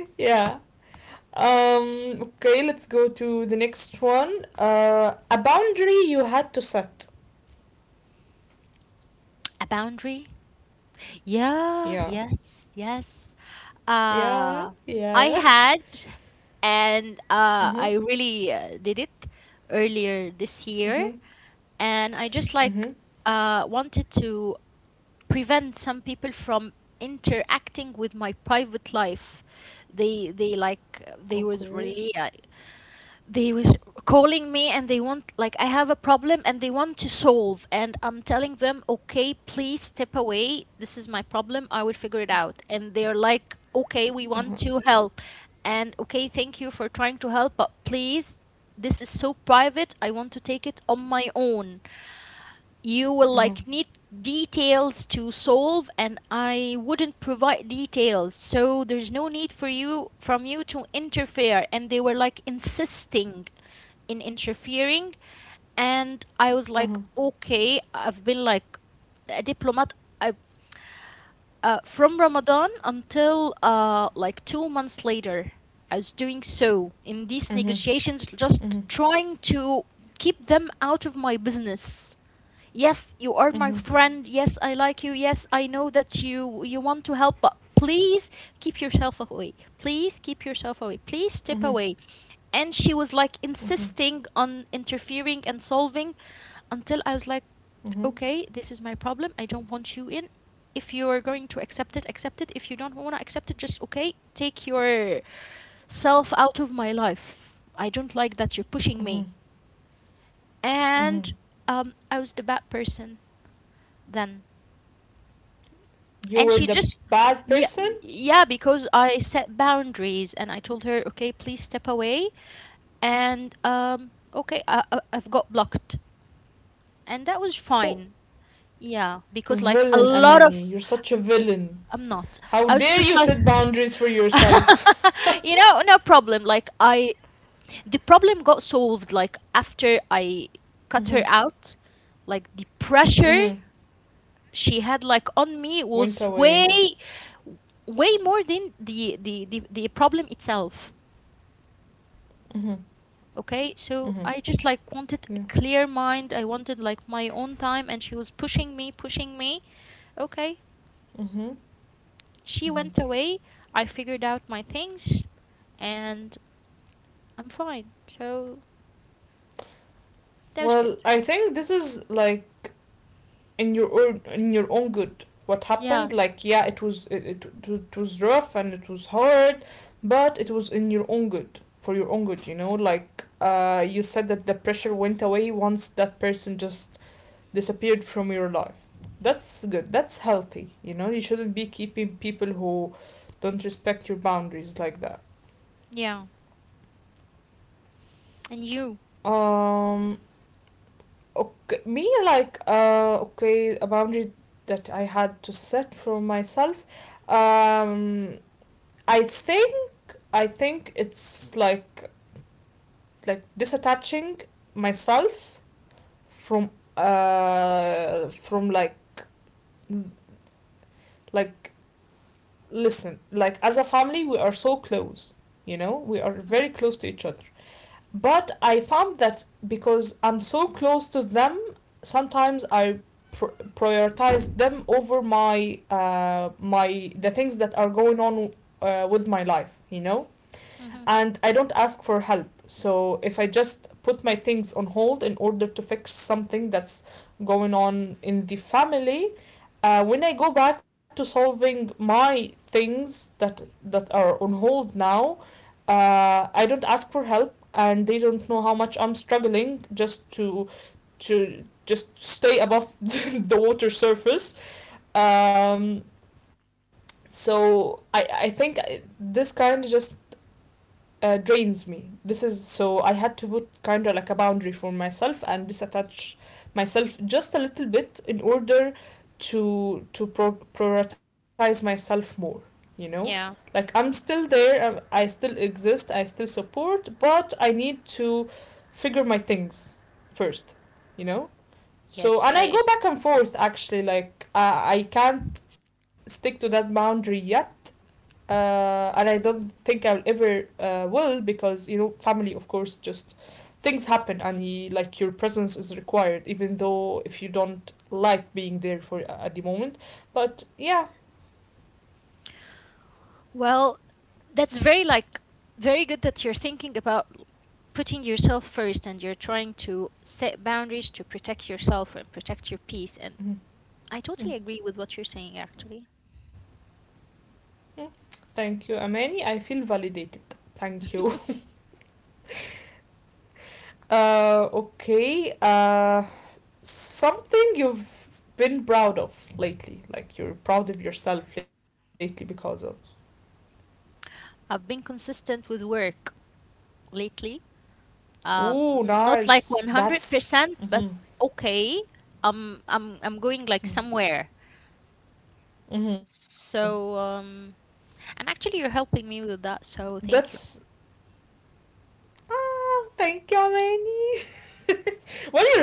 [SPEAKER 1] yeah. Okay, let's go to the next one. A boundary you had to set.
[SPEAKER 2] A boundary. Yeah,
[SPEAKER 1] Yeah.
[SPEAKER 2] yes, yes.
[SPEAKER 1] Yeah,
[SPEAKER 2] uh
[SPEAKER 1] yeah, yeah.
[SPEAKER 2] I had, and
[SPEAKER 1] Mhm.
[SPEAKER 2] I really did it earlier this year,
[SPEAKER 1] Mhm.
[SPEAKER 2] and I just like
[SPEAKER 1] Mhm.
[SPEAKER 2] wanted to prevent some people from interacting with my private life. They like, they was
[SPEAKER 1] Okay.
[SPEAKER 2] really, they was calling me, and they want like, I have a problem and they want to solve, and I'm telling them, okay, please step away, this is my problem, I will figure it out. And they're like, okay, we
[SPEAKER 1] Uh
[SPEAKER 2] want to help. And okay, thank you for trying to help, but please, this is so private, I want to take it on my own. You will
[SPEAKER 1] Uh huh.
[SPEAKER 2] like need details to solve, and I wouldn't provide details, so there's no need for you from you to interfere. And they were like insisting in interfering. And I was
[SPEAKER 1] Huh. Uh
[SPEAKER 2] like,
[SPEAKER 1] huh.
[SPEAKER 2] okay, I've been like a diplomat. I, from Ramadan until like 2 months later, I was doing so in these
[SPEAKER 1] Mhm.
[SPEAKER 2] negotiations, just
[SPEAKER 1] Mhm.
[SPEAKER 2] trying to keep them out of my business. Yes, you are my
[SPEAKER 1] Mhm.
[SPEAKER 2] friend. Yes, I like you. Yes, I know that you want to help, but please keep yourself away, please keep yourself away, please
[SPEAKER 1] Mhm.
[SPEAKER 2] step away. And she was like
[SPEAKER 1] Mhm.
[SPEAKER 2] insisting on interfering and solving, until I was like,
[SPEAKER 1] Mhm.
[SPEAKER 2] okay, this is my problem, I don't want you in. If you are going to accept it, accept it. If you don't want to accept it, just, okay, take yourself out of my life. I don't like that you're pushing
[SPEAKER 1] Mhm.
[SPEAKER 2] me.
[SPEAKER 1] Mhm.
[SPEAKER 2] And I was the bad person then,
[SPEAKER 1] You
[SPEAKER 2] and
[SPEAKER 1] were
[SPEAKER 2] she
[SPEAKER 1] the
[SPEAKER 2] just.
[SPEAKER 1] bad
[SPEAKER 2] Yeah,
[SPEAKER 1] person?
[SPEAKER 2] yeah, because I set boundaries and I told her, okay, please step away. And okay, I've got blocked, and that was
[SPEAKER 1] Oh,
[SPEAKER 2] fine. Yeah, because like a
[SPEAKER 1] villain,
[SPEAKER 2] lot of.
[SPEAKER 1] Amani. You're such a villain.
[SPEAKER 2] I'm not.
[SPEAKER 1] How
[SPEAKER 2] I was
[SPEAKER 1] dare
[SPEAKER 2] just
[SPEAKER 1] you
[SPEAKER 2] like,
[SPEAKER 1] set boundaries for yourself?
[SPEAKER 2] no problem. Like, I the problem got solved like after I cut her
[SPEAKER 1] Mm-hmm.
[SPEAKER 2] out. Like, the pressure
[SPEAKER 1] Mm-hmm.
[SPEAKER 2] she had like on me
[SPEAKER 1] Went
[SPEAKER 2] was
[SPEAKER 1] away.
[SPEAKER 2] way, way more than the problem itself.
[SPEAKER 1] Mm-hmm.
[SPEAKER 2] Okay, so
[SPEAKER 1] Mm-hmm.
[SPEAKER 2] I just like wanted
[SPEAKER 1] Yeah.
[SPEAKER 2] a clear mind. I wanted like my own time, and she was pushing me, pushing me. Okay,
[SPEAKER 1] Mm-hmm.
[SPEAKER 2] she
[SPEAKER 1] Mm-hmm.
[SPEAKER 2] went away. I figured out my things, and I'm fine. So that was good.
[SPEAKER 1] Well, I think this is like in your own, in your own good what
[SPEAKER 2] Yeah,
[SPEAKER 1] happened. Like yeah, it was, it it was rough and it was hard, but it was in your own good, for your own good, you know? Like, uh, you said that the pressure went away once that person just disappeared from your life. That's good, that's healthy, you know? You shouldn't be keeping people who don't respect your boundaries like that.
[SPEAKER 2] yeah, and you.
[SPEAKER 1] Um, okay, me, like, uh, okay, a boundary that I had to set for myself. Um, I think, I think it's like disattaching myself from, uh, from like, listen, like as a family we are so close, you know, we are very close to each other. But I found that because I'm so close to them, sometimes I pr- prioritize them over my the things that are going on with my life, you know,
[SPEAKER 2] Hmm.
[SPEAKER 1] and I don't ask for help. So if I just put my things on hold in order to fix something that's going on in the family, when I go back to solving my things that that are on hold now, I don't ask for help, and they don't know how much I'm struggling just to just stay above the water surface. Um, so I think this kind of just drains me. This is so I had to put kind of like a boundary for myself and disattach myself just a little bit in order to prioritize myself more. You know, like
[SPEAKER 2] Yeah,
[SPEAKER 1] I'm still there, I still exist, I still support, but I need to figure my things first. You know, so,
[SPEAKER 2] yes,
[SPEAKER 1] and I
[SPEAKER 2] I.
[SPEAKER 1] go back and forth actually, like, I can't stick to that boundary yet. And I don't think I'll ever will, because, you know, family, of course, just things happen and you, like your presence is required, even though if you don't like being there for at the moment. But yeah,
[SPEAKER 2] Well, that's very like very good that you're thinking about putting yourself first, and you're trying to set boundaries to protect yourself and protect your peace. And
[SPEAKER 1] mhm,
[SPEAKER 2] I totally
[SPEAKER 1] mhm,
[SPEAKER 2] agree with what you're saying, actually.
[SPEAKER 1] mhm. Thank you, Amani. I feel validated. Thank you. Okay. Something you've been proud of lately. Like you're proud of yourself lately because of.
[SPEAKER 2] I've been consistent with work lately.
[SPEAKER 1] Ooh,
[SPEAKER 2] Not like
[SPEAKER 1] nice. That's.
[SPEAKER 2] 100% but
[SPEAKER 1] Mm-hmm.
[SPEAKER 2] okay. I'm going like somewhere.
[SPEAKER 1] Mm-hmm. Mm-hmm.
[SPEAKER 2] So and actually you're helping me with that, so thank you.
[SPEAKER 1] That's. Ah, thank you, Manny.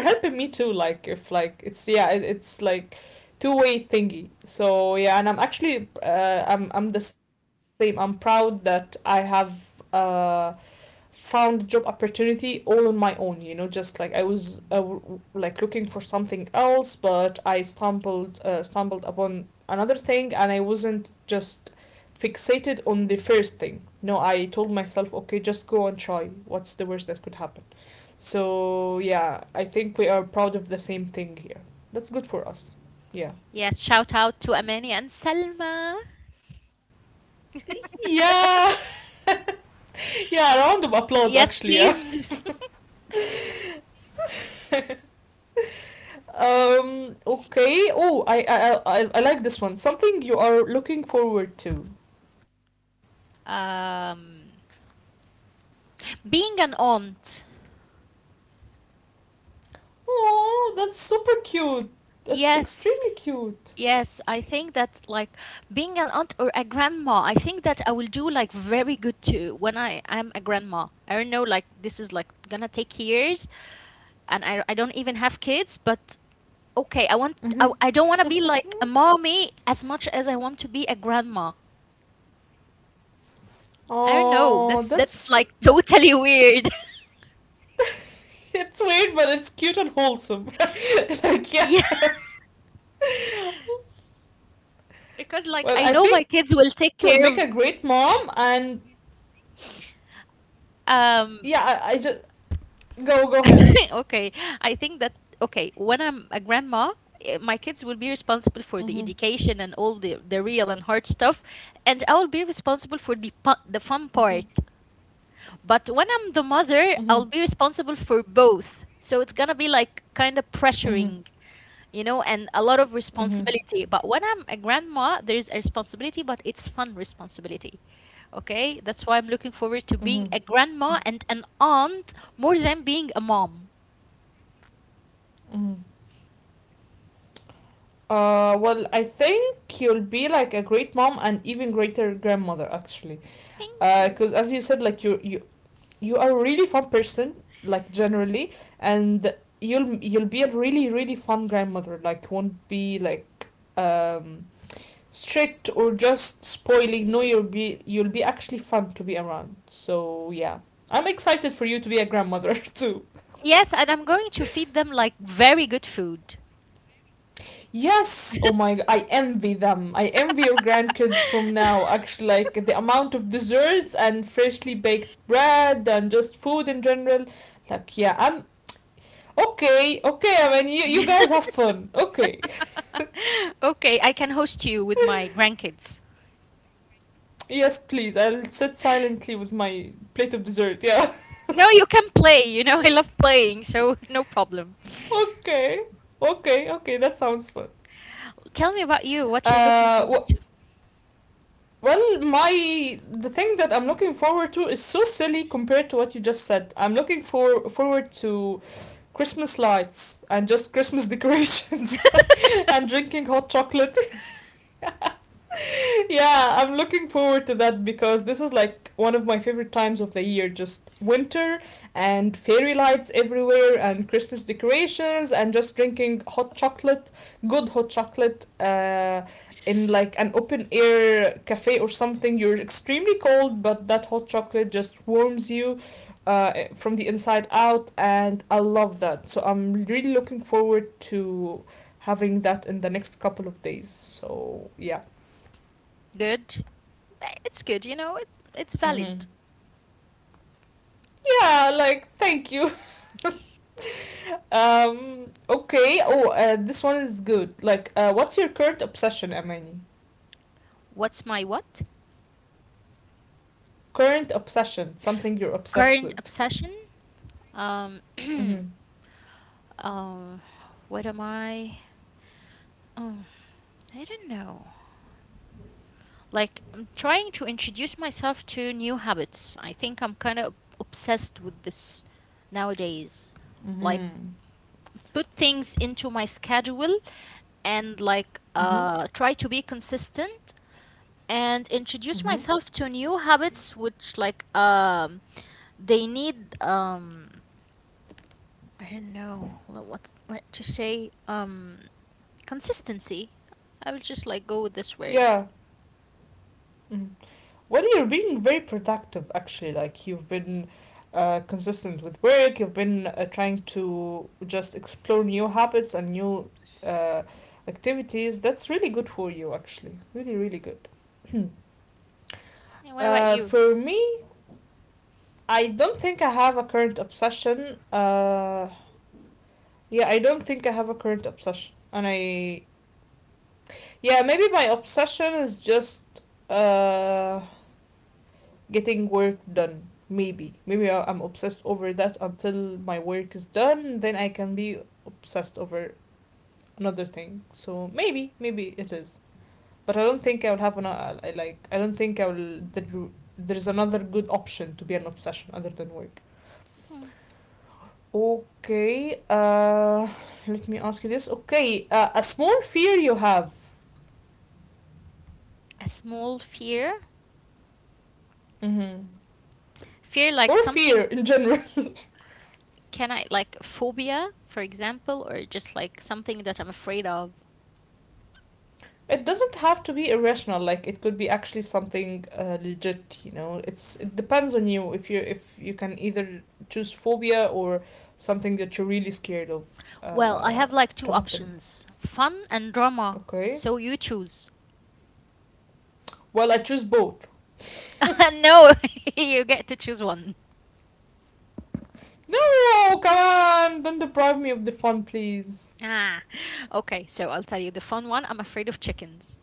[SPEAKER 1] Well, you're helping me too. Like if like it's yeah, it's like two-way thingy. So yeah, and I'm actually I'm the same. I'm proud that I have uh found job opportunity all on my own, you know, just like I was like looking for something else, but I stumbled stumbled upon another thing, and I wasn't just fixated on the first thing. No, I told myself, okay, just go and try, what's the worst that could happen? So yeah, I think we are proud of the same thing here. That's good for us. Yeah.
[SPEAKER 2] Yes, shout out to Amani and Selma.
[SPEAKER 1] Yeah, yeah. Round of applause,
[SPEAKER 2] Yes,
[SPEAKER 1] actually. Yeah.
[SPEAKER 2] please.
[SPEAKER 1] Um. Okay. Oh, I like this one. Something you are looking forward to.
[SPEAKER 2] Um, being an aunt.
[SPEAKER 1] Oh, that's super cute. That's
[SPEAKER 2] Yes.
[SPEAKER 1] extremely cute.
[SPEAKER 2] Yes, I think that, like, being an aunt or a grandma, I think that I will do like very good too when I am a grandma. I don't know, like this is like gonna take years, and I don't even have kids, but okay, I want I,
[SPEAKER 1] Mm-hmm.
[SPEAKER 2] I don't want to be like a mommy as much as I want to be a grandma. I don't
[SPEAKER 1] Oh,
[SPEAKER 2] know. That's
[SPEAKER 1] that's
[SPEAKER 2] that's like
[SPEAKER 1] that,
[SPEAKER 2] totally weird.
[SPEAKER 1] it's weird, but it's cute and wholesome. Yeah.
[SPEAKER 2] Yeah, because like
[SPEAKER 1] Well,
[SPEAKER 2] I
[SPEAKER 1] I
[SPEAKER 2] know my
[SPEAKER 1] think you'll
[SPEAKER 2] kids
[SPEAKER 1] make
[SPEAKER 2] will
[SPEAKER 1] a
[SPEAKER 2] take
[SPEAKER 1] great
[SPEAKER 2] care of
[SPEAKER 1] mom, and yeah, I just
[SPEAKER 2] um
[SPEAKER 1] go go ahead.
[SPEAKER 2] okay, I think that, okay, when I'm a grandma, my kids will be responsible for the
[SPEAKER 1] Mm-hmm.
[SPEAKER 2] education and all the real and hard stuff, and I will be responsible for
[SPEAKER 1] Mm-hmm.
[SPEAKER 2] the fun part. But when I'm the
[SPEAKER 1] Mm-hmm.
[SPEAKER 2] mother, I'll be responsible for both. So it's gonna be like kind of
[SPEAKER 1] Mm-hmm.
[SPEAKER 2] pressuring, you know, and a lot of
[SPEAKER 1] Mm-hmm.
[SPEAKER 2] responsibility. But when I'm a grandma, there is a responsibility, but it's fun responsibility. Okay, that's why I'm looking forward
[SPEAKER 1] Mm-hmm.
[SPEAKER 2] to being a grandma and an aunt more than being a mom.
[SPEAKER 1] Mm-hmm. Well, I think you'll be like a great mom and even greater grandmother, actually,
[SPEAKER 2] Thank
[SPEAKER 1] because
[SPEAKER 2] you.
[SPEAKER 1] as you said, like you you are a really fun person, like generally, and you'll be a really really fun grandmother. Like won't be like um strict or just spoiling. No, you'll be actually fun to be around. So yeah, I'm excited for you to be a grandmother too.
[SPEAKER 2] Yes, and I'm going to feed them like very good food.
[SPEAKER 1] Yes! Oh my, I envy them. I envy your grandkids from now. Actually, like the amount of desserts and freshly baked bread and just food in general. Like, yeah, I'm okay, okay. I mean, you guys have fun. Okay.
[SPEAKER 2] Okay, I can host you with my grandkids.
[SPEAKER 1] Yes, please. I'll sit silently with my plate of dessert. Yeah.
[SPEAKER 2] No, you can play. You know, I love playing, so no problem.
[SPEAKER 1] Okay. Okay, okay. That sounds fun.
[SPEAKER 2] Tell me about you, what you're looking
[SPEAKER 1] Uh,
[SPEAKER 2] forward
[SPEAKER 1] wh-
[SPEAKER 2] to.
[SPEAKER 1] well, my the thing that I'm looking forward to is so silly compared to what you just said. I'm looking for forward to Christmas lights and just Christmas decorations and drinking hot chocolate. Yeah, I'm looking forward to that because this is like one of my favorite times of the year. Just winter and fairy lights everywhere and Christmas decorations and just drinking hot chocolate, good hot chocolate, in like an open air cafe or something. You're extremely cold, but that hot chocolate just warms you from the inside out, and I love that. So I'm really looking forward to having that in the next couple of days. So yeah.
[SPEAKER 2] Good. It's good, you know, it's
[SPEAKER 1] Mm-hmm.
[SPEAKER 2] valid.
[SPEAKER 1] Yeah, like thank you. Um, okay. Oh, this one is good. Like, what's your current obsession, Amani?
[SPEAKER 2] What's my what?
[SPEAKER 1] Current obsession, something you're obsessed
[SPEAKER 2] Current
[SPEAKER 1] with.
[SPEAKER 2] obsession? Um,
[SPEAKER 1] Mm-hmm.
[SPEAKER 2] um, what am I? Oh, I don't know. Like, I'm trying to introduce myself to new habits. I think I'm kind of obsessed with this nowadays. Like,
[SPEAKER 1] Mm-hmm.
[SPEAKER 2] put things into my schedule and, like,
[SPEAKER 1] Mm-hmm.
[SPEAKER 2] try to be consistent and introduce
[SPEAKER 1] Mm-hmm.
[SPEAKER 2] myself to new habits, which, like, they need, I don't know, like, what to say, consistency. I will just, like, go with this word.
[SPEAKER 1] Yeah. Mm. Well, you're being very productive actually. Like you've been consistent with work, you've been trying to just explore new habits and new uh, activities. That's really good for you actually, really really good.
[SPEAKER 2] And what about
[SPEAKER 1] Uh,
[SPEAKER 2] you?
[SPEAKER 1] for me, I don't think I have a current obsession. Yeah, I don't think I have a current obsession, and I yeah Maybe my obsession is just uh getting work done. Maybe am obsessed over that until my work is done. Then I can be obsessed over another thing. So maybe it is. But I don't think I will have like I don't think I will. There's another good option to be an obsession other than work.
[SPEAKER 2] Hmm.
[SPEAKER 1] Okay, let me ask you this. Okay, a small fear you have.
[SPEAKER 2] A small fear?
[SPEAKER 1] Mm-hmm.
[SPEAKER 2] Fear like
[SPEAKER 1] Or fear
[SPEAKER 2] something.
[SPEAKER 1] in general.
[SPEAKER 2] Can I, like, phobia, for example, or just like something that I'm afraid of?
[SPEAKER 1] It doesn't have to be irrational. Like it could be actually something legit. You know, it depends on you. If you can either choose phobia or something that you're really scared of
[SPEAKER 2] Well, I
[SPEAKER 1] uh,
[SPEAKER 2] have like two
[SPEAKER 1] to happen.
[SPEAKER 2] options, fun and drama.
[SPEAKER 1] Okay.
[SPEAKER 2] So you choose.
[SPEAKER 1] Well, I choose both.
[SPEAKER 2] no, you get to choose one.
[SPEAKER 1] No, come on! Don't deprive me of the fun, please.
[SPEAKER 2] Ah, okay. So I'll tell you the fun one. I'm afraid of chickens.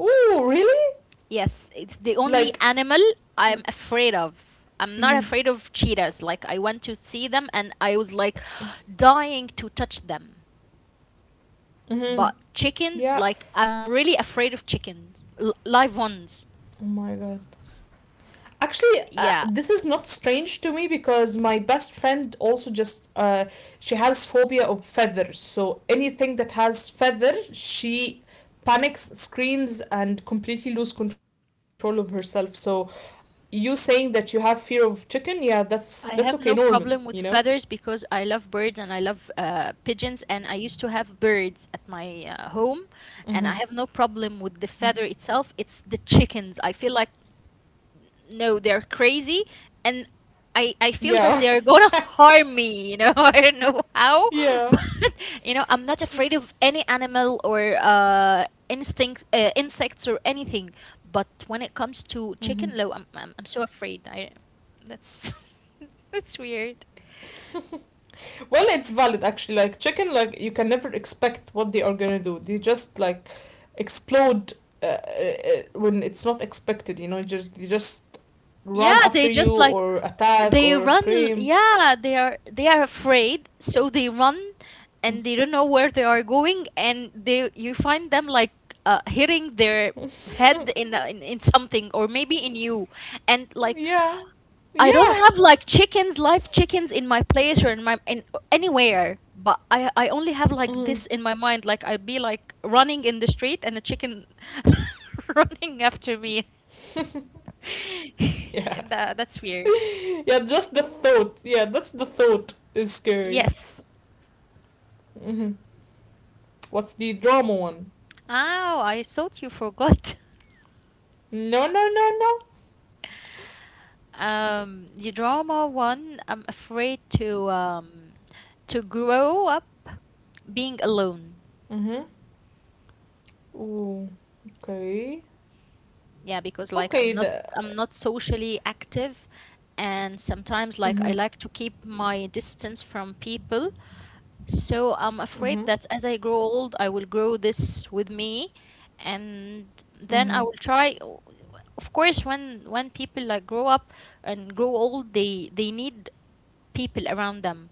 [SPEAKER 1] Ooh, really?
[SPEAKER 2] Yes, it's the only
[SPEAKER 1] Like,
[SPEAKER 2] animal I'm afraid of. I'm
[SPEAKER 1] mm-hmm,
[SPEAKER 2] not afraid of cheetahs. Like I went to see them and I was like dying to touch them.
[SPEAKER 1] mm-hmm.
[SPEAKER 2] But chicken,
[SPEAKER 1] Yeah,
[SPEAKER 2] like I'm really afraid of chickens, live ones.
[SPEAKER 1] oh my god. Actually,
[SPEAKER 2] Yeah,
[SPEAKER 1] this is not strange to me because my best friend also just she has phobia of feathers. So anything that has feather, she panics, screams, and completely lose control of herself. So you saying that you have fear of chicken, yeah, that's okay,
[SPEAKER 2] I
[SPEAKER 1] normal,
[SPEAKER 2] have
[SPEAKER 1] you
[SPEAKER 2] no
[SPEAKER 1] know.
[SPEAKER 2] problem with feathers because I love birds and I love pigeons, and I used to have birds at my home, and
[SPEAKER 1] Mm-hmm.
[SPEAKER 2] I have no problem with the feather itself. It's the chickens. I feel like no, they're crazy, and I feel
[SPEAKER 1] Yeah.
[SPEAKER 2] that they're gonna harm me. You know, I don't know how,
[SPEAKER 1] yeah.
[SPEAKER 2] but you know, I'm not afraid of any animal or instinct insects or anything. But when it comes to
[SPEAKER 1] Mm-hmm.
[SPEAKER 2] chicken, low, I'm so afraid. I that's that's weird.
[SPEAKER 1] Well, it's valid actually. Like chicken, like you can never expect what they are gonna do. They just like explode when it's not expected. You know, just they just run
[SPEAKER 2] Yeah,
[SPEAKER 1] after
[SPEAKER 2] they
[SPEAKER 1] you
[SPEAKER 2] just like
[SPEAKER 1] or attack or
[SPEAKER 2] they run.
[SPEAKER 1] scream.
[SPEAKER 2] Yeah, they are afraid, so they run, and they don't know where they are going, and they you find them like hitting their head in, in something or maybe in you, and like
[SPEAKER 1] Yeah,
[SPEAKER 2] I
[SPEAKER 1] yeah,
[SPEAKER 2] don't have like chickens, live chickens in my place or in my in anywhere. But I only have like
[SPEAKER 1] mm,
[SPEAKER 2] this in my mind, like I'd be like running in the street and a chicken running after me.
[SPEAKER 1] yeah,
[SPEAKER 2] yeah, that's weird.
[SPEAKER 1] yeah. Just the thought. Yeah, that's the thought is scary.
[SPEAKER 2] Yes.
[SPEAKER 1] Mm-hmm. What's the drama one?
[SPEAKER 2] Oh, I thought you forgot.
[SPEAKER 1] No, no, no.
[SPEAKER 2] The drama one, I'm afraid to grow up being alone.
[SPEAKER 1] Mm-hmm. Ooh. Okay.
[SPEAKER 2] Yeah, because like
[SPEAKER 1] Okay. The.
[SPEAKER 2] I'm not socially active, and sometimes like I
[SPEAKER 1] Mm-hmm.
[SPEAKER 2] like to keep my distance from people. So I'm afraid
[SPEAKER 1] Mm-hmm.
[SPEAKER 2] that as I grow old, I will grow this with me, and then I
[SPEAKER 1] Mm-hmm.
[SPEAKER 2] will try. Of course, when people like grow up and grow old, they need people around them.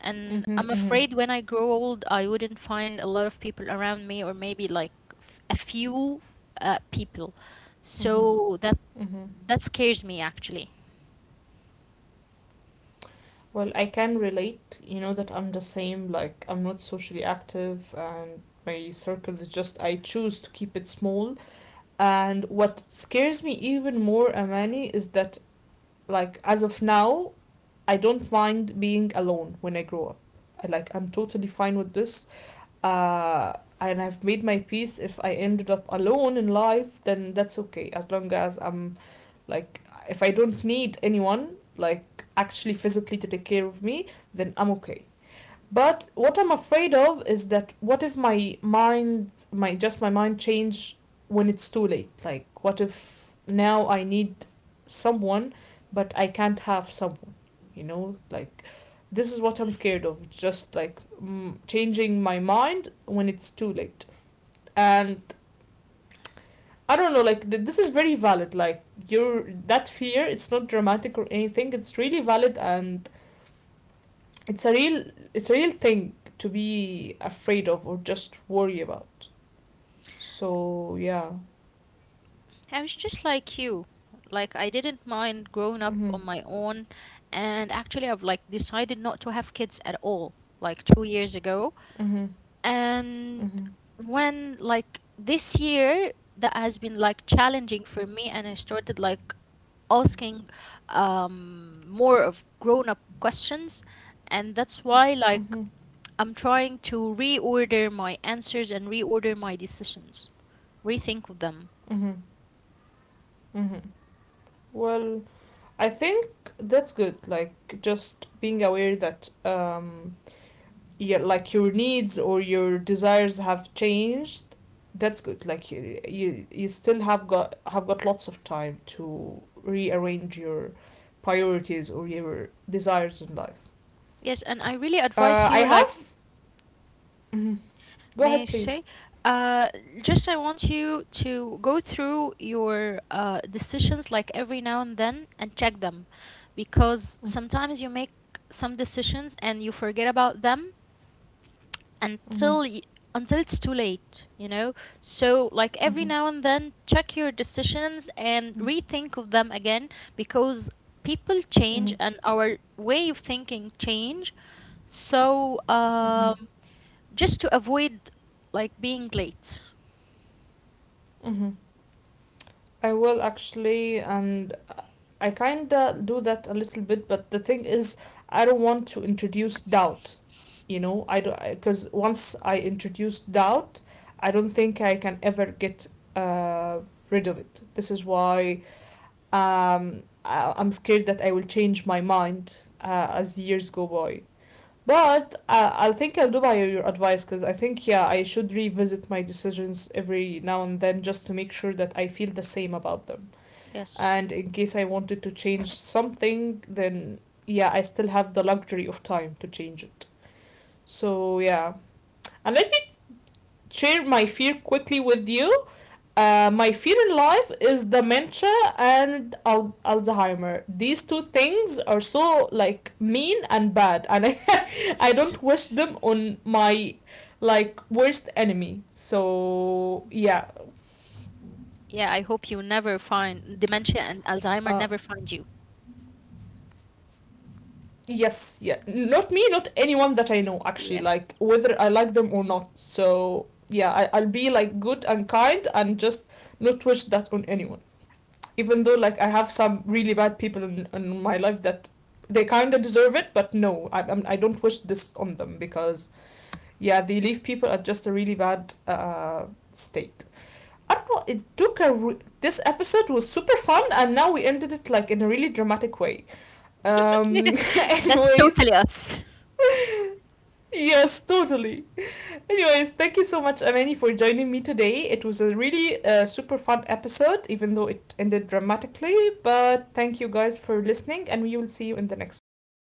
[SPEAKER 2] And
[SPEAKER 1] Mm-hmm,
[SPEAKER 2] I'm
[SPEAKER 1] mm-hmm,
[SPEAKER 2] afraid when I grow old, I wouldn't find a lot of people around me, or maybe like a few people.
[SPEAKER 1] mm-hmm,
[SPEAKER 2] So that
[SPEAKER 1] mm-hmm.
[SPEAKER 2] that scares me actually.
[SPEAKER 1] Well, I can relate, you know, that I'm the same. Like, I'm not socially active, and my circle is just, I choose to keep it small. And what scares me even more, Amani, is that, like, as of now, I don't mind being alone when I grow up. I, like, I'm totally fine with this. Uh, and I've made my peace. If I ended up alone in life, then that's okay. As long as I'm like, if I don't need anyone, like actually physically to take care of me, then I'm okay. But what I'm afraid of is that what if my mind, my just my mind change when it's too late? Like, what if now I need someone, but I can't have someone? You know, like this is what I'm scared of, just like changing my mind when it's too late. And I don't know, like this is very valid. Like your that fear, it's not dramatic or anything. It's really valid, and it's a real, it's a real thing to be afraid of or just worry about. So yeah.
[SPEAKER 2] I was just like you. Like I didn't mind growing
[SPEAKER 1] Mhm.
[SPEAKER 2] up on my own, and actually I've like decided not to have kids at all like 2 years ago.
[SPEAKER 1] Mhm.
[SPEAKER 2] And
[SPEAKER 1] Mhm.
[SPEAKER 2] when like this year that has been like challenging for me, and I started like asking more of grown-up questions, and that's why like
[SPEAKER 1] Mhm.
[SPEAKER 2] I'm trying to reorder my answers and reorder my decisions, rethink of them.
[SPEAKER 1] Mhm. Mhm. Well, I think that's good. Like just being aware that your like your needs or your desires have changed. That's good. Like you still have got lots of time to rearrange your priorities or your desires in life.
[SPEAKER 2] Yes, and I really advise
[SPEAKER 1] I
[SPEAKER 2] you, like,
[SPEAKER 1] have. Mm-hmm. Go
[SPEAKER 2] may
[SPEAKER 1] ahead
[SPEAKER 2] I
[SPEAKER 1] please.
[SPEAKER 2] say? Uh, just I want you to go through your decisions like every now and then and check them because sometimes you make some decisions and you forget about them
[SPEAKER 1] Mm-hmm.
[SPEAKER 2] until y- until it's too late, you know? So like every
[SPEAKER 1] Mm-hmm.
[SPEAKER 2] now and then check your decisions and
[SPEAKER 1] Mm-hmm.
[SPEAKER 2] rethink of them again because people
[SPEAKER 1] Mm-hmm.
[SPEAKER 2] change and our way of thinking change. So
[SPEAKER 1] Mm-hmm.
[SPEAKER 2] just to avoid like being late.
[SPEAKER 1] Mm-hmm. I will actually, and I kinda do that a little bit, but the thing is, I don't want to introduce doubt. You know, I don't, because once I introduce doubt, I don't think I can ever get uh, rid of it. This is why I'm scared that I will change my mind as the years go by. But I think I'll do by your advice because I think, yeah, I should revisit my decisions every now and then just to make sure that I feel the same about them,
[SPEAKER 2] Yes.
[SPEAKER 1] and in case I wanted to change something, then yeah, I still have the luxury of time to change it. So yeah, and let me share my fear quickly with you. My fear in life is dementia and Alzheimer. These two things are so like mean and bad, and I I don't wish them on my like worst enemy. So yeah.
[SPEAKER 2] Yeah, I hope you never find dementia
[SPEAKER 1] uh,
[SPEAKER 2] and Alzheimer never find you.
[SPEAKER 1] Yes, yeah. Not me, not anyone that I know, actually. Like, whether
[SPEAKER 2] Yes.
[SPEAKER 1] I like them or not. So, yeah, I, I'll be, like, good and kind and just not wish that on anyone. Even though, like, I have some really bad people in my life that they kind of deserve it, but no, I don't wish this on them because, yeah, they leave people at just a really bad state. I don't know, it took a. Re- this episode was super fun, and now we ended it, like, in a really dramatic way.
[SPEAKER 2] That's
[SPEAKER 1] Anyways,
[SPEAKER 2] totally us.
[SPEAKER 1] yes, totally. Anyways, thank you so much, Amani, for joining me today. It was a really super fun episode, even though it ended dramatically. But thank you guys for listening, and we will see you in the next one.